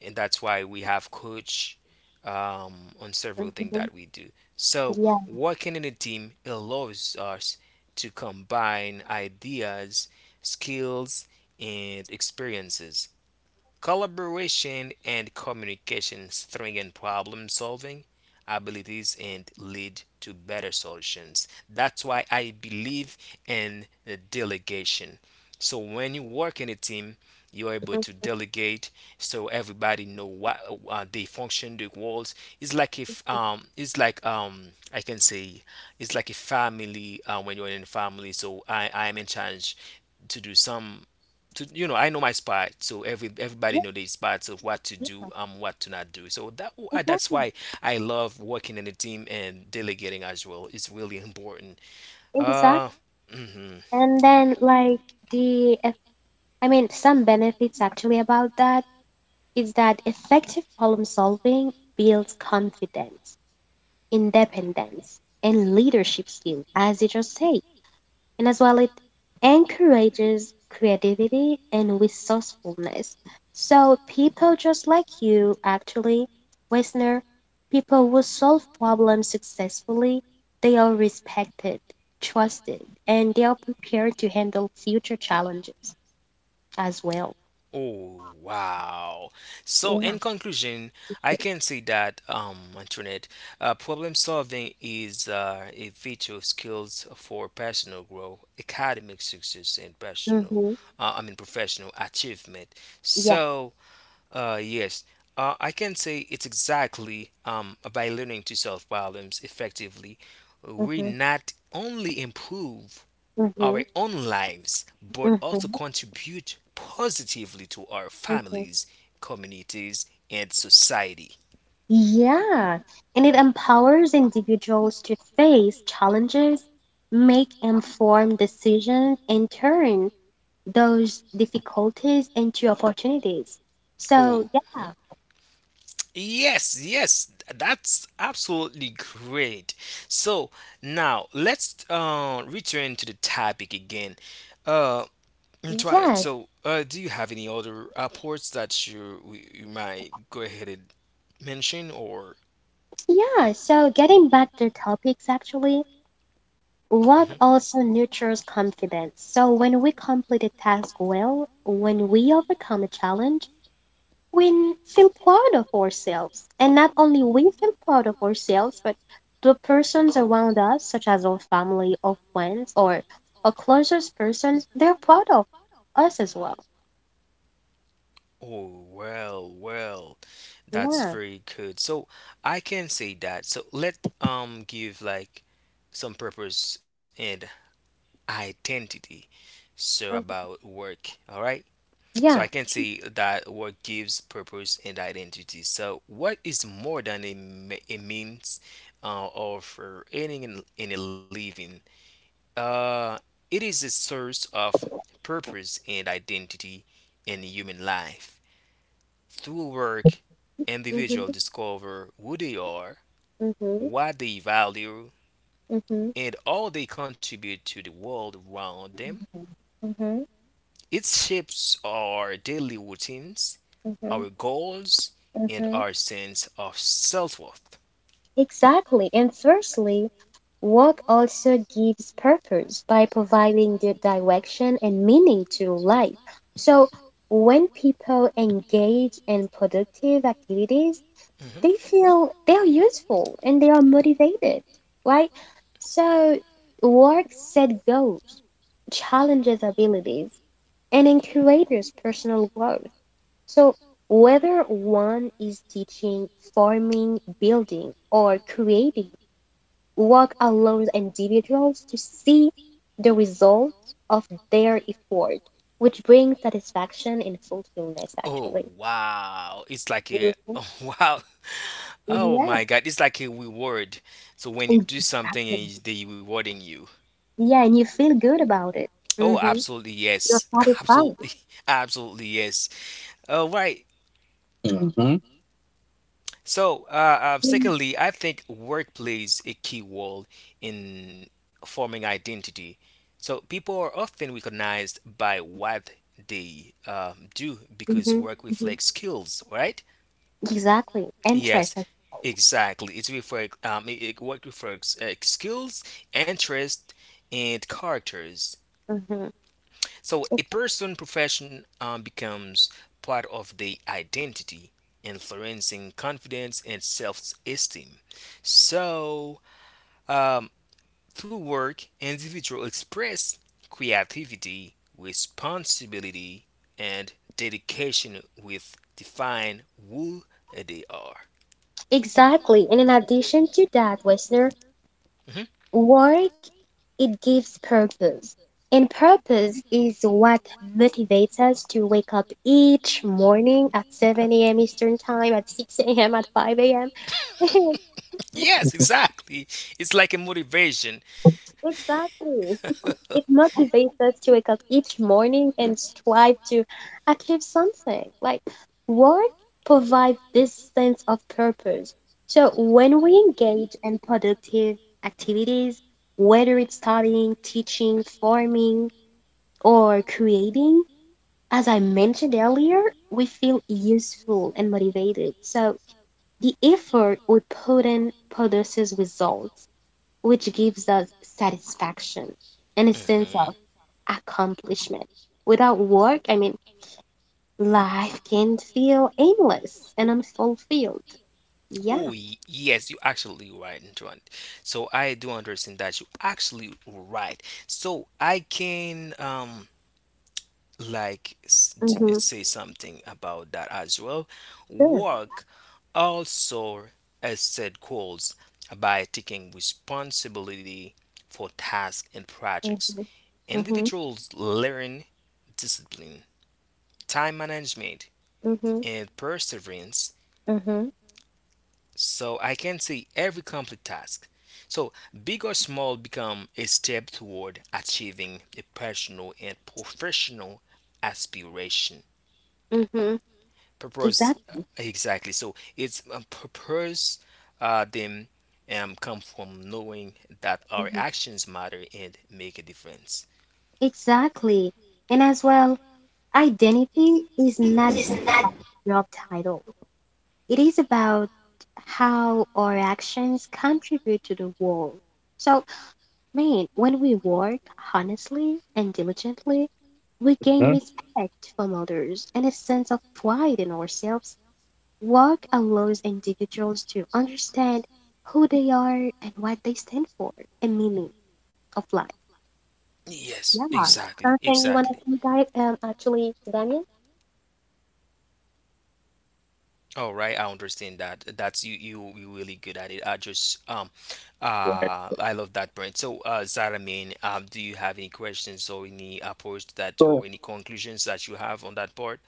Speaker 1: and that's why we have coach on several things
Speaker 3: mm-hmm.
Speaker 1: that we do. So
Speaker 3: Yeah,
Speaker 1: working in a team allows us to combine ideas, skills, and experiences collaboration and communication strengthen problem solving abilities and lead to better solutions. That's why I believe in the delegation. So when you work in a team, you're able to delegate so everybody know what they function the roles. It's like if it's like I can say it's like a family when you're in a family. So I'm in charge to do some to you know I know my spot, so everybody
Speaker 3: yeah,
Speaker 1: know their spots of what to do
Speaker 3: yeah,
Speaker 1: what to not do. So that's
Speaker 3: exactly,
Speaker 1: why I love working in a team and delegating as well. It's really important.
Speaker 3: exactly.
Speaker 1: Uh. Mhm.
Speaker 3: And then, like, the, eff- some benefits actually about that is that effective problem solving builds confidence, independence, and leadership skills, as you just said. And as well it encourages creativity and resourcefulness. So people just like you, actually, listener, people who solve problems successfully, they are respected, trusted, and they are prepared to handle future challenges as well.
Speaker 1: Oh wow! So
Speaker 3: Yeah.
Speaker 1: in conclusion, I can say that internet problem solving is a feature of skills for personal growth, academic success, and
Speaker 3: Mm-hmm.
Speaker 1: I mean professional achievement.
Speaker 3: Yeah.
Speaker 1: So yes, I can say it's exactly by learning to solve problems effectively, we
Speaker 3: Mm-hmm.
Speaker 1: not only improve
Speaker 3: Mm-hmm.
Speaker 1: our own lives but also
Speaker 3: Mm-hmm.
Speaker 1: contribute positively to our families, communities, and society.
Speaker 3: Yeah, and it empowers individuals to face challenges, make informed decisions, and turn those difficulties into opportunities.
Speaker 1: Oh,
Speaker 3: So,
Speaker 1: hmm? Yes, yes, that's absolutely great. So now let's return to the topic again. Uh, Antoinette,
Speaker 3: yeah,
Speaker 1: so do you have any other ports that you might go ahead and mention or?
Speaker 3: yeah. So, getting back to topics, actually,
Speaker 1: Mhm.
Speaker 3: work also nurtures confidence. So, when we complete a task well, when we overcome a challenge, we feel proud of ourselves. And not only we feel proud of ourselves, but the persons around us, such as our family or friends or a closest persons, they're proud of us as well.
Speaker 1: Oh well, well, that's
Speaker 3: Yeah.
Speaker 1: very good. So I can say that. So let give like some purpose and identity. So about
Speaker 3: Mhm.
Speaker 1: work, all right? So I
Speaker 3: Yeah.
Speaker 1: can see that what gives purpose and identity. So what is more than a means of earning and a living? Uh, it is a source of purpose and identity in human life. Through work, individuals
Speaker 3: Mhm.
Speaker 1: discover who they are,
Speaker 3: Mhm.
Speaker 1: what they value,
Speaker 3: Mhm.
Speaker 1: and how they contribute to the world around them.
Speaker 3: Mhm.
Speaker 1: It shapes our daily routines
Speaker 3: Mhm.
Speaker 1: our goals, and
Speaker 3: Mhm.
Speaker 1: our sense of self worth.
Speaker 3: Exactly. And firstly, work also gives purpose by providing the direction and meaning to life. So when people engage in productive activities, they feel they are useful and they are motivated, right? So work set goals, challenges abilities, and encourages personal growth. So whether one is teaching, farming, building, or creating walk-alone individuals to see the result of their effort, which brings satisfaction and fulfillment,
Speaker 1: Oh
Speaker 3: actually.
Speaker 1: wow! It's like a
Speaker 3: Mhm.
Speaker 1: oh, wow. Oh
Speaker 3: Yeah,
Speaker 1: my God! It's like a reward. So when you do something
Speaker 3: exactly.
Speaker 1: and you- they rewarding you.
Speaker 3: Yeah, and you feel good about it.
Speaker 1: Oh,
Speaker 3: Mm-hmm.
Speaker 1: absolutely
Speaker 3: You're
Speaker 1: yes. Absolutely,
Speaker 3: satisfied.
Speaker 1: absolutely yes. All right.
Speaker 2: Hmm.
Speaker 1: So,
Speaker 3: Mm,
Speaker 1: secondly, I think work plays a key role in forming identity. So, people are often recognized by what they do because
Speaker 3: hmm
Speaker 1: work
Speaker 3: mhm.
Speaker 1: reflects skills, right?
Speaker 3: Exactly.
Speaker 1: Yes,
Speaker 3: Interest.
Speaker 1: exactly. It reflects work reflects skills, interest, and characters.
Speaker 3: Mm-hmm.
Speaker 1: So a person' profession becomes part of the identity, influencing confidence and self-esteem. So um, through work, individuals express creativity, responsibility, and dedication with define who they are.
Speaker 3: Exactly. And in addition to that, listener,
Speaker 1: Mhm.
Speaker 3: work it gives purpose. And purpose is what motivates us to wake up each morning at 7 a.m. Eastern Time, at 6 a.m., at 5 a.m.
Speaker 1: Yes, exactly. It's like a motivation.
Speaker 3: exactly. It motivates us to wake up each morning and strive to achieve something. Like work provides this sense of purpose. So when we engage in productive activities, whether it's studying, teaching, farming, or creating, as I mentioned earlier, we feel useful and motivated. So the effort we put in produces results, which gives us satisfaction and a sense
Speaker 1: Mhm.
Speaker 3: of accomplishment. Without life can feel aimless and unfulfilled. Yeah.
Speaker 1: Oh, yes, you actually right, Antoine. So I do understand that you actually right. So I can like
Speaker 3: Mm-hmm.
Speaker 1: say something about that as well.
Speaker 3: Sure.
Speaker 1: Work also has set goals by taking responsibility for tasks and projects.
Speaker 3: Mm-hmm. Mm-hmm.
Speaker 1: Individuals learn discipline, time management,
Speaker 3: Mm-hmm.
Speaker 1: and perseverance.
Speaker 3: Mm-hmm.
Speaker 1: So I can see every complete task. So big or small become a step toward achieving a personal and professional aspiration.
Speaker 3: Mm-hmm.
Speaker 1: Purpose
Speaker 3: Exactly.
Speaker 1: exactly. So it's purpose them come from knowing that our actions matter and make a difference.
Speaker 3: Exactly. And as well, identity is not just about job title. It is about how our actions contribute to the world. So, man, when we work honestly and diligently, we gain
Speaker 2: Mhm.
Speaker 3: respect from others and a sense of pride in ourselves. Work allows individuals to understand who they are and what they stand for, a meaning of life.
Speaker 1: Yes,
Speaker 3: Yeah.
Speaker 1: exactly,
Speaker 3: Something you want to
Speaker 1: exactly.
Speaker 3: say, guy? Actually, Daniel?
Speaker 1: All right, I understand that. That's you. You really good at it. I just
Speaker 2: Right.
Speaker 1: I love that, Brent. So, Zadamin, do you have any questions or any approach to that
Speaker 2: So,
Speaker 1: or any conclusions that you have on that part?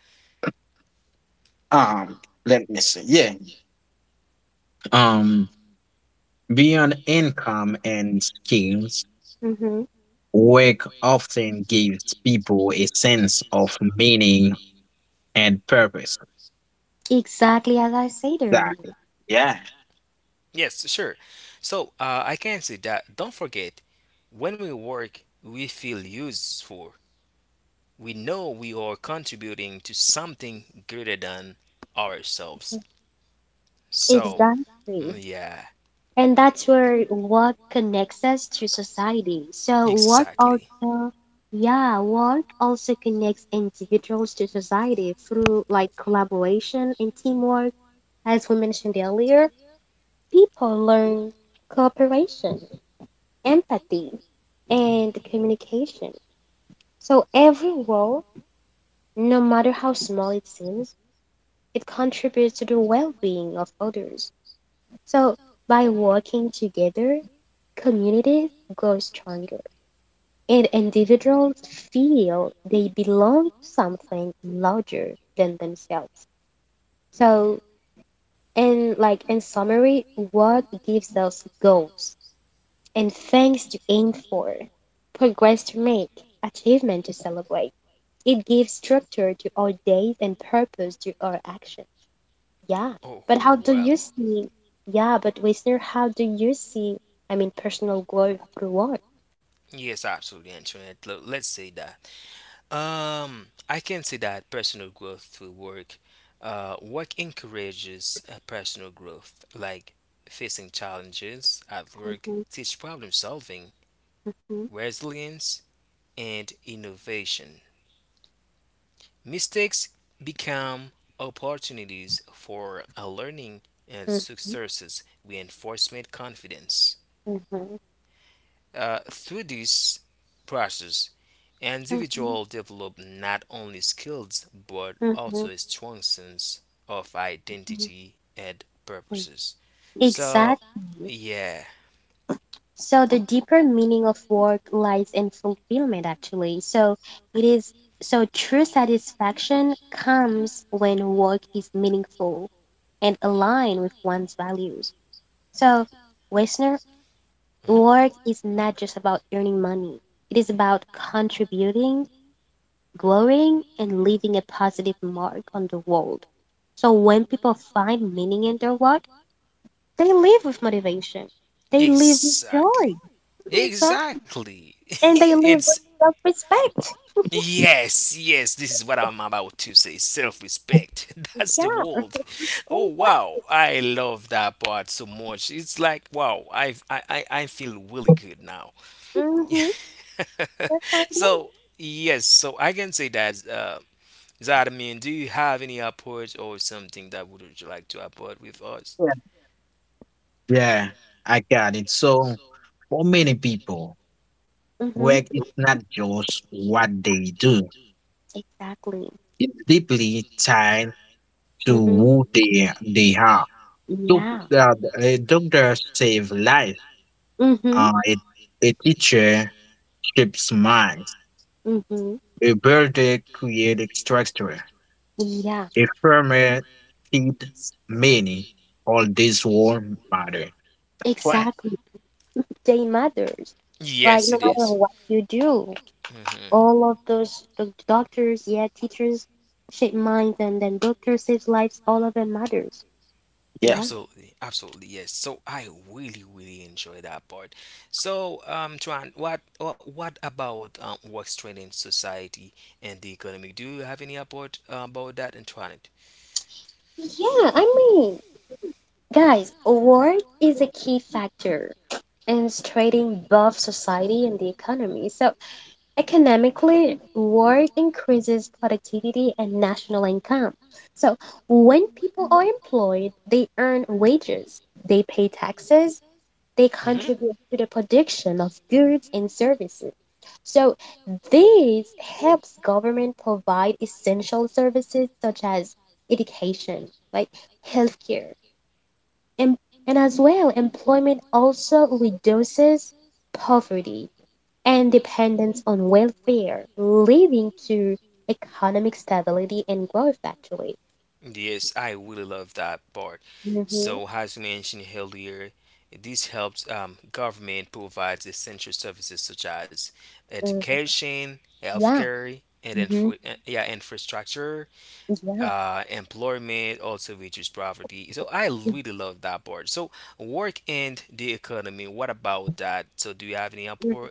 Speaker 2: um, let me see. Yeah. Um, Beyond income and skills,
Speaker 3: Mm-hmm.
Speaker 2: work often gives people a sense of meaning and purpose.
Speaker 3: Exactly as I said earlier.
Speaker 2: Exactly. Yeah.
Speaker 1: Yes, sure. So, I can say that don't forget, when we work, we feel useful. We know we are contributing to something greater than ourselves. So,
Speaker 3: Exactly.
Speaker 1: mm, yeah,
Speaker 3: And that's where work connects us to society. So work
Speaker 1: exactly.
Speaker 3: also, yeah, work also connects individuals to society through like collaboration and teamwork. As we mentioned earlier, people learn cooperation, empathy, and communication. So every role, no matter how small it seems, it contributes to the well-being of others. So by working together, communities grow stronger and individuals feel they belong to something larger than themselves. So, and like in summary, work gives us goals and things to aim for, progress to make, achievement to celebrate. It gives structure to our days and purpose to our actions. Yeah,
Speaker 1: Oh,
Speaker 3: but how do
Speaker 1: well.
Speaker 3: you see? Yeah, but Wister, how do you see? Personal growth through work.
Speaker 1: Yes, absolutely, Antoinette. Let's say that. I can say that personal growth through work. Work encourages personal growth, like facing challenges at work,
Speaker 3: Mhm,
Speaker 1: teach problem solving,
Speaker 3: mhm,
Speaker 1: resilience, and innovation. Mistakes become opportunities for learning and
Speaker 3: Mm,
Speaker 1: successes, reinforcement confidence.
Speaker 3: mhm,
Speaker 1: Through this process,
Speaker 3: mhm,
Speaker 1: individuals develop not only skills but
Speaker 3: mhm,
Speaker 1: also a strong sense of
Speaker 3: mhm.
Speaker 1: identity and
Speaker 3: Mhm.
Speaker 1: purposes.
Speaker 3: Exactly.
Speaker 1: So, yeah.
Speaker 3: So the deeper meaning of work lies in fulfillment, actually. So it is so true satisfaction comes when work is meaningful and aligned with one's values. So, listener,
Speaker 1: Mm-hmm.
Speaker 3: work is not just about earning money, it is about contributing, growing, and leaving a positive mark on the world. So when people find meaning in their work, they live with motivation, they live with joy,
Speaker 1: Exactly.
Speaker 3: exactly.
Speaker 1: Exactly.
Speaker 3: And they live
Speaker 1: it's
Speaker 3: with self respect.
Speaker 1: yes, yes, this is what I'm about to say. Self-respect. That's the
Speaker 3: Yeah.
Speaker 1: word. Oh
Speaker 3: Exactly.
Speaker 1: wow, I love that part so much. It's like wow, I have I feel really good now.
Speaker 3: Mm-hmm. That's how
Speaker 1: So
Speaker 3: it
Speaker 1: yes, so I can say that Zadamian, do you have any approach or something that would you like to approach with us?
Speaker 2: Yeah, I got it. So, for many people,
Speaker 3: is. Mm-hmm.
Speaker 2: work is not just what they do,
Speaker 3: Exactly.
Speaker 2: it's deeply tied to
Speaker 3: Mm-hmm.
Speaker 2: who they are. Doc-
Speaker 3: Yeah.
Speaker 2: A doctor saves life, uh,
Speaker 3: Mm-hmm.
Speaker 2: a, a teacher shapes minds,
Speaker 3: Mm-hmm.
Speaker 2: a builder creates structure,
Speaker 3: Yeah.
Speaker 2: a farmer feeds many. All this will matter. That's why.
Speaker 3: Exactly. They matters. Like
Speaker 1: Yes,
Speaker 3: no
Speaker 1: it
Speaker 3: matter
Speaker 1: is.
Speaker 3: what you do,
Speaker 1: Mm-hmm.
Speaker 3: all of those the doctors, yeah, teachers shape minds, and then doctors save lives. All of them matters.
Speaker 2: Yeah,
Speaker 3: Yeah.
Speaker 1: Absolutely, absolutely, yes. So I really, really enjoy that part. So, Tran, what about works training society and the economy? Do you have any report about that, and Tran?
Speaker 3: Yeah, I mean, Guys, work is a key factor in trading both society and the economy. So, economically, work increases productivity and national income. So, when people are employed, they earn wages, they pay taxes, they
Speaker 1: Mm-hmm.
Speaker 3: contribute to the production of goods and services. So this helps government provide essential services such as education, like healthcare, and, and as well employment also reduces poverty and dependence on welfare, leading to economic stability and growth actually.
Speaker 1: Yes, I really love that part.
Speaker 3: Hmm.
Speaker 1: So, as you mentioned earlier, this helps government provides essential services such as education,
Speaker 3: Yeah.
Speaker 1: healthcare, and
Speaker 3: Hmm.
Speaker 1: yeah, infrastructure,
Speaker 3: Yeah.
Speaker 1: employment also reaches poverty. So I really love that part. So work and the economy. What about that? So do you have any upward?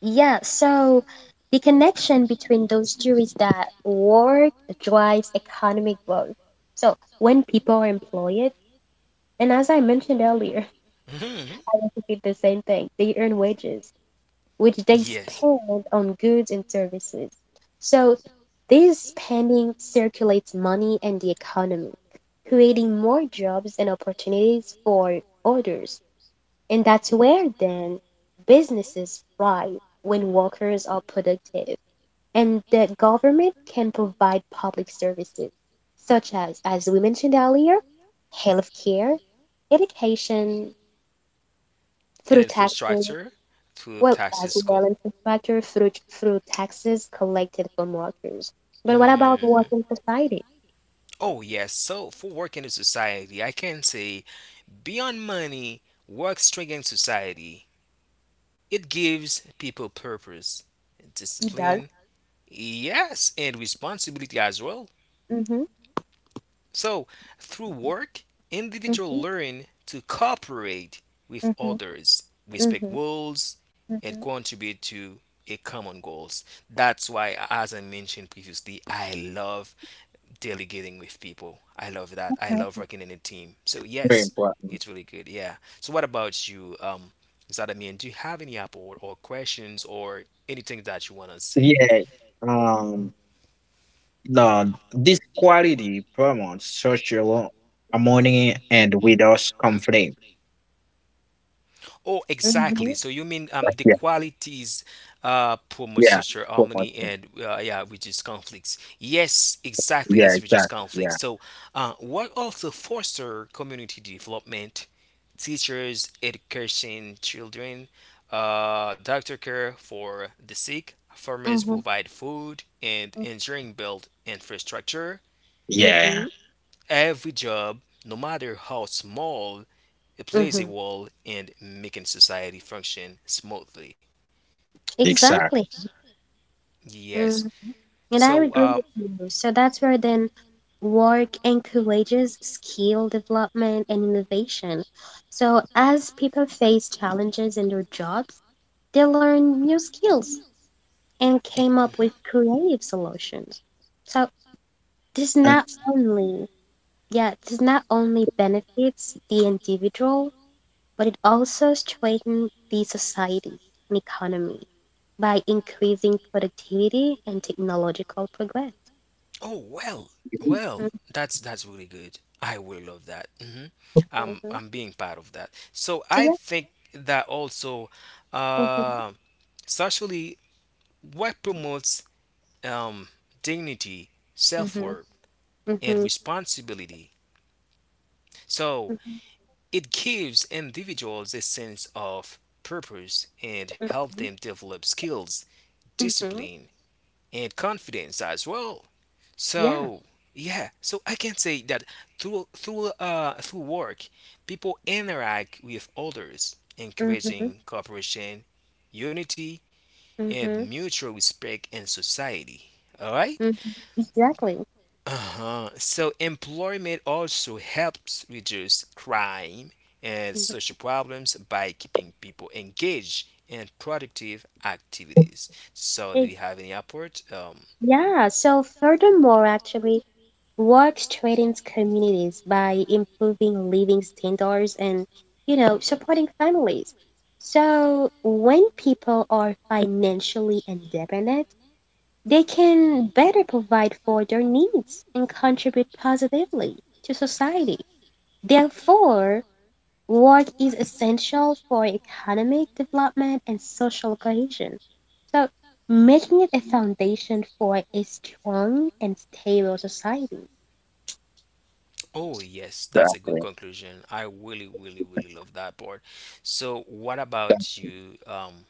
Speaker 3: Yeah, so the connection between those two is that work drives economic growth. So when people are employed, and as I mentioned earlier,
Speaker 1: Mhm.
Speaker 3: I want to repeat the same thing, they earn wages, which they
Speaker 1: Yes,
Speaker 3: spend on goods and services. So this spending circulates money in the economy, creating more jobs and opportunities for others. And that's where then businesses thrive when workers are productive. And the government can provide public services such as we mentioned earlier, healthcare, education,
Speaker 1: and
Speaker 3: through taxes,
Speaker 1: infrastructure through
Speaker 3: well, as
Speaker 1: taxes. Called.
Speaker 3: well infrastructure through taxes collected from workers. But what about
Speaker 1: Mhm.
Speaker 3: working society?
Speaker 1: Oh yes. So for working in society, I can say beyond money, work strengthens society. It gives people purpose,
Speaker 3: It does.
Speaker 1: discipline, yes, and responsibility as well.
Speaker 3: Mm-hmm,
Speaker 1: So, through work, individuals
Speaker 3: mm-hmm,
Speaker 1: learn to cooperate with
Speaker 3: mm-hmm,
Speaker 1: others, respect
Speaker 3: mm-hmm,
Speaker 1: rules, and
Speaker 3: mm-hmm,
Speaker 1: contribute to a common goals. That's why, as I mentioned previously, I love delegating with people. I love that. I love
Speaker 3: exactly.
Speaker 1: working in a team. So
Speaker 2: very
Speaker 1: yes,
Speaker 2: important.
Speaker 1: it's really good. Yeah. So what about you, Zadamian? Do you have any app or questions or anything that you wanna say?
Speaker 2: Yeah. Um, Now, this quality promotes social harmony and without conflict.
Speaker 1: Oh,
Speaker 3: Mm-hmm,
Speaker 1: exactly. So you mean the
Speaker 2: Yeah,
Speaker 1: qualities promote
Speaker 2: yeah,
Speaker 1: social
Speaker 2: promotes
Speaker 1: harmony
Speaker 2: it.
Speaker 1: and yeah reduce conflicts. Yes, exactly.
Speaker 2: Yeah,
Speaker 1: It's reduce
Speaker 2: exactly. Yeah,
Speaker 1: conflicts. So what also foster community development teachers education children, doctor care for the sick, farmers
Speaker 3: mm-hmm,
Speaker 1: provide food, and engineering build infrastructure.
Speaker 3: mm-hmm,
Speaker 2: yeah,
Speaker 1: Every job, no matter how small, it plays a
Speaker 3: mm-hmm.
Speaker 1: role in making society function smoothly.
Speaker 3: Exactly.
Speaker 2: exactly.
Speaker 1: Yes.
Speaker 3: And
Speaker 1: So,
Speaker 3: I agree with you. So that's where then work encourages skill development and innovation. So as people face challenges in their jobs, they learn new skills and came up
Speaker 1: mhm.
Speaker 3: with creative solutions. So
Speaker 2: Uh,
Speaker 3: this not only, yeah, this not only benefits the individual, but it also strengthens the society and economy by increasing productivity and technological progress.
Speaker 1: Oh well, well,
Speaker 3: Mhm.
Speaker 1: that's really good. I will love that. Hmm. I'm
Speaker 3: Mhm.
Speaker 1: I'm being part of that. So
Speaker 3: So
Speaker 1: I
Speaker 3: yeah,
Speaker 1: think that also,
Speaker 3: mhm,
Speaker 1: uh, socially, what promotes um, dignity,
Speaker 3: mhm,
Speaker 1: self-worth, and
Speaker 3: mhm,
Speaker 1: responsibility. So
Speaker 3: mhm,
Speaker 1: it gives individuals a sense of purpose and help
Speaker 3: mhm,
Speaker 1: them develop skills,
Speaker 3: mhm.
Speaker 1: discipline, and confidence as well.
Speaker 3: Yeah.
Speaker 1: So yeah, so I can say that through work, people interact with others,
Speaker 3: Mhm,
Speaker 1: encouraging cooperation, unity, and
Speaker 3: mhm,
Speaker 1: mutual respect in society. All right.
Speaker 3: mhm. Exactly.
Speaker 1: Uh-huh. So employment also helps reduce crime and
Speaker 3: Mhm.
Speaker 1: social problems by keeping people engaged in productive activities. So do
Speaker 3: Ex-
Speaker 1: you have any report?
Speaker 3: Yeah, so furthermore, actually, work strengthens communities by improving living standards and, you know, supporting families. So when people are financially independent, they can better provide for their needs and contribute positively to society. Therefore, work is essential for economic development and social cohesion. So, making it a foundation for a strong and stable society.
Speaker 1: Oh, yes, that's a good conclusion. I really, really, really love that part. So, what about you,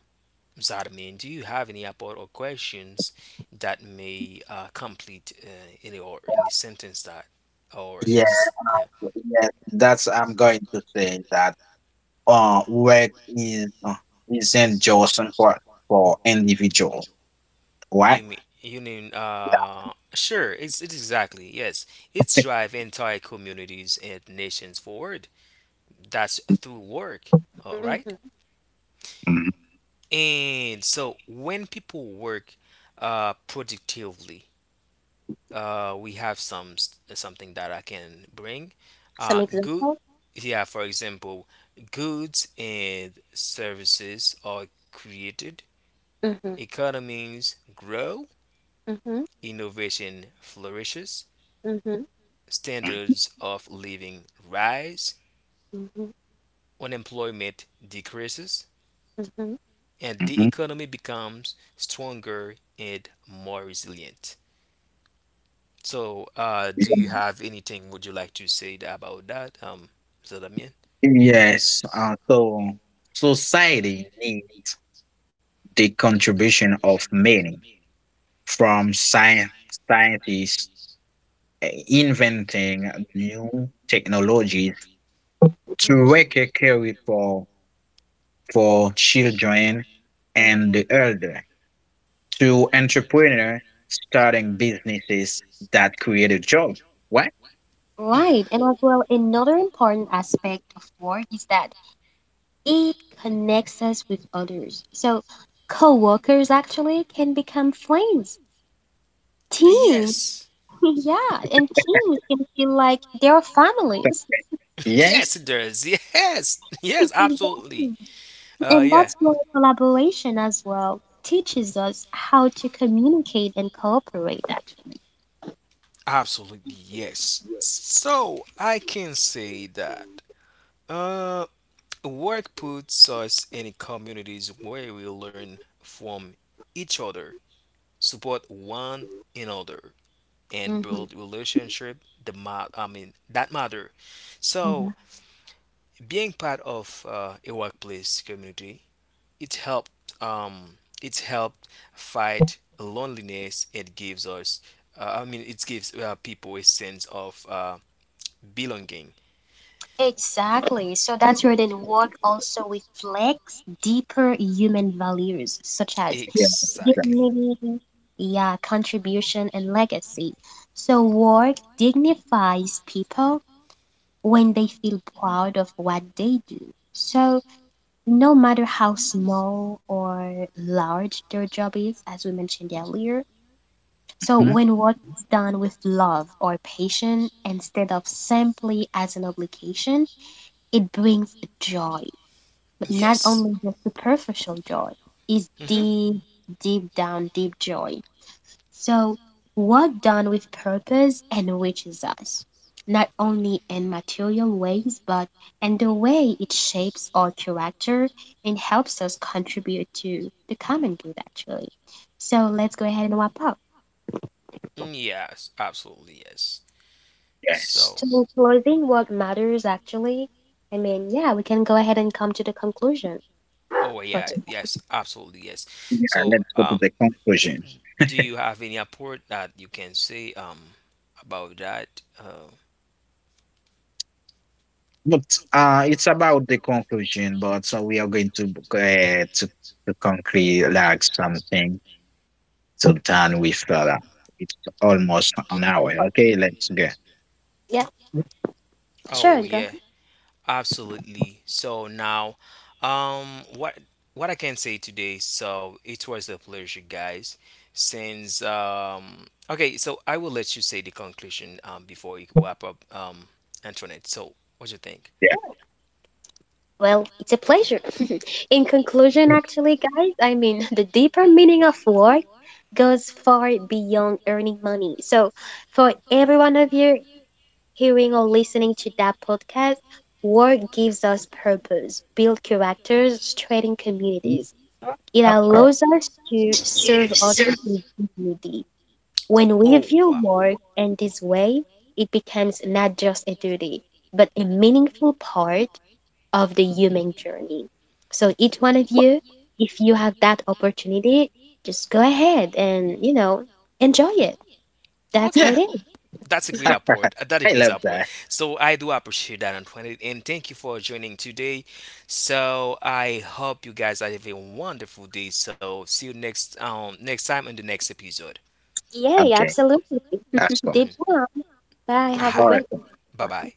Speaker 1: Zarmin? Do you have any part or questions that may complete any or any sentence that
Speaker 2: yeah,
Speaker 1: yeah,
Speaker 2: yeah. That's I'm going to say that. Work is isn't just important for individual,
Speaker 1: you
Speaker 2: right?
Speaker 1: mean sure, it's exactly, yes, it's drive entire communities and nations forward, that's through work, all right.
Speaker 3: Mm-hmm.
Speaker 2: Mhm,
Speaker 1: And so when people work productively, we have something that I can bring.
Speaker 3: Some
Speaker 1: Good,
Speaker 3: example.
Speaker 1: yeah. For example, goods and services are created,
Speaker 3: Mm-hmm,
Speaker 1: economies grow,
Speaker 3: mm-hmm,
Speaker 1: innovation flourishes,
Speaker 3: mm-hmm,
Speaker 1: standards of living rise,
Speaker 3: mm-hmm,
Speaker 1: unemployment decreases,
Speaker 3: mm-hmm.
Speaker 1: and the
Speaker 2: mhm.
Speaker 1: economy becomes stronger and more resilient. So, do you have anything would you like to say about that, Zadamian?
Speaker 2: Yes. So society needs the contribution of many. From science scientists inventing new technologies to
Speaker 3: Hmm.
Speaker 2: require care for children and the elder, to entrepreneur starting businesses that create a job, what?
Speaker 3: Right, and
Speaker 1: Mhm.
Speaker 3: as well, another important aspect of work is that it connects us with others. So, co workers actually can become friends, team,
Speaker 1: Yes.
Speaker 3: yeah, and teams can feel like they're families.
Speaker 2: Yes.
Speaker 1: Yes, it does. Yes. Yes, absolutely.
Speaker 3: Exactly. And
Speaker 1: Yeah.
Speaker 3: that's where collaboration as well teaches us how to communicate and cooperate, actually.
Speaker 1: Absolutely, yes. So I can say that uh, work puts us in communities where we learn from each other, support one another, and
Speaker 3: Hmm.
Speaker 1: build relationship. I mean that matter.
Speaker 3: Mhm.
Speaker 1: So being part of a workplace community, it helped it's helped fight loneliness. It gives us I mean it gives people a sense of belonging.
Speaker 3: Exactly. So that's where then work also reflects deeper human values such as
Speaker 1: Exactly.
Speaker 3: dignity, yeah, contribution and legacy. So work dignifies people when they feel proud of what they do. So no matter how small or large their job is, as we mentioned earlier. So,
Speaker 2: Mhm.
Speaker 3: when work is done with love or passion instead of simply as an obligation, it brings joy, but not
Speaker 1: Yes.
Speaker 3: only the superficial joy, it's
Speaker 1: Mm-hmm.
Speaker 3: deep, deep down, deep joy. So, what done with purpose enriches us, not only in material ways, but in the way it shapes our character and helps us contribute to the common good, actually. So, let's go ahead and wrap up.
Speaker 1: Mm, yes, absolutely yes. So,
Speaker 2: Yes.
Speaker 3: So, in closing, what matters actually? Yeah, we can go ahead and come to the conclusion.
Speaker 1: oh yeah,
Speaker 3: But,
Speaker 1: yes, absolutely yes.
Speaker 2: Yeah,
Speaker 1: So,
Speaker 2: let's go to the conclusion.
Speaker 1: do you have any report that you can say about that?
Speaker 2: But It's about the conclusion, but so we are going to uh, to, to conclude like something to done with that. It's almost an hour. Okay, let's go.
Speaker 3: yeah,
Speaker 1: Oh
Speaker 3: sure, go
Speaker 1: yeah. Absolutely. So now, um, what what I can say today, so it was a pleasure, guys. Since okay, so I will let you say the conclusion before we wrap up Antoinette. So what do you think?
Speaker 2: Yeah.
Speaker 3: well, it's a pleasure. In conclusion, actually, guys, the deeper meaning of work goes far beyond earning money. So, for every one of you hearing or listening to that podcast, work gives us purpose, build characters, strengthen
Speaker 2: Mhm.
Speaker 3: communities. It
Speaker 2: Of course.
Speaker 3: allows us to serve others with dignity. When we
Speaker 1: Oh
Speaker 3: view
Speaker 1: wow.
Speaker 3: work in this way, it becomes not just a duty, but a meaningful part of the human journey. So each one of you, if you have that opportunity, just go ahead and, you know, enjoy it. That's how
Speaker 1: Okay.
Speaker 2: Yeah,
Speaker 3: it is.
Speaker 1: That's a great upward. That a
Speaker 2: I
Speaker 1: great
Speaker 2: love
Speaker 1: upward.
Speaker 2: that.
Speaker 1: So I do appreciate that, Antoinette, and thank you for joining today. So I hope you guys are having a wonderful day. So see you next next time in the next episode.
Speaker 3: Yay,
Speaker 2: Okay,
Speaker 3: absolutely.
Speaker 2: that's all.
Speaker 3: Deep
Speaker 1: Mhm.
Speaker 3: down. Bye. Have a
Speaker 2: All
Speaker 1: Hi.
Speaker 3: great
Speaker 2: right.
Speaker 1: Bye
Speaker 3: day.
Speaker 1: bye.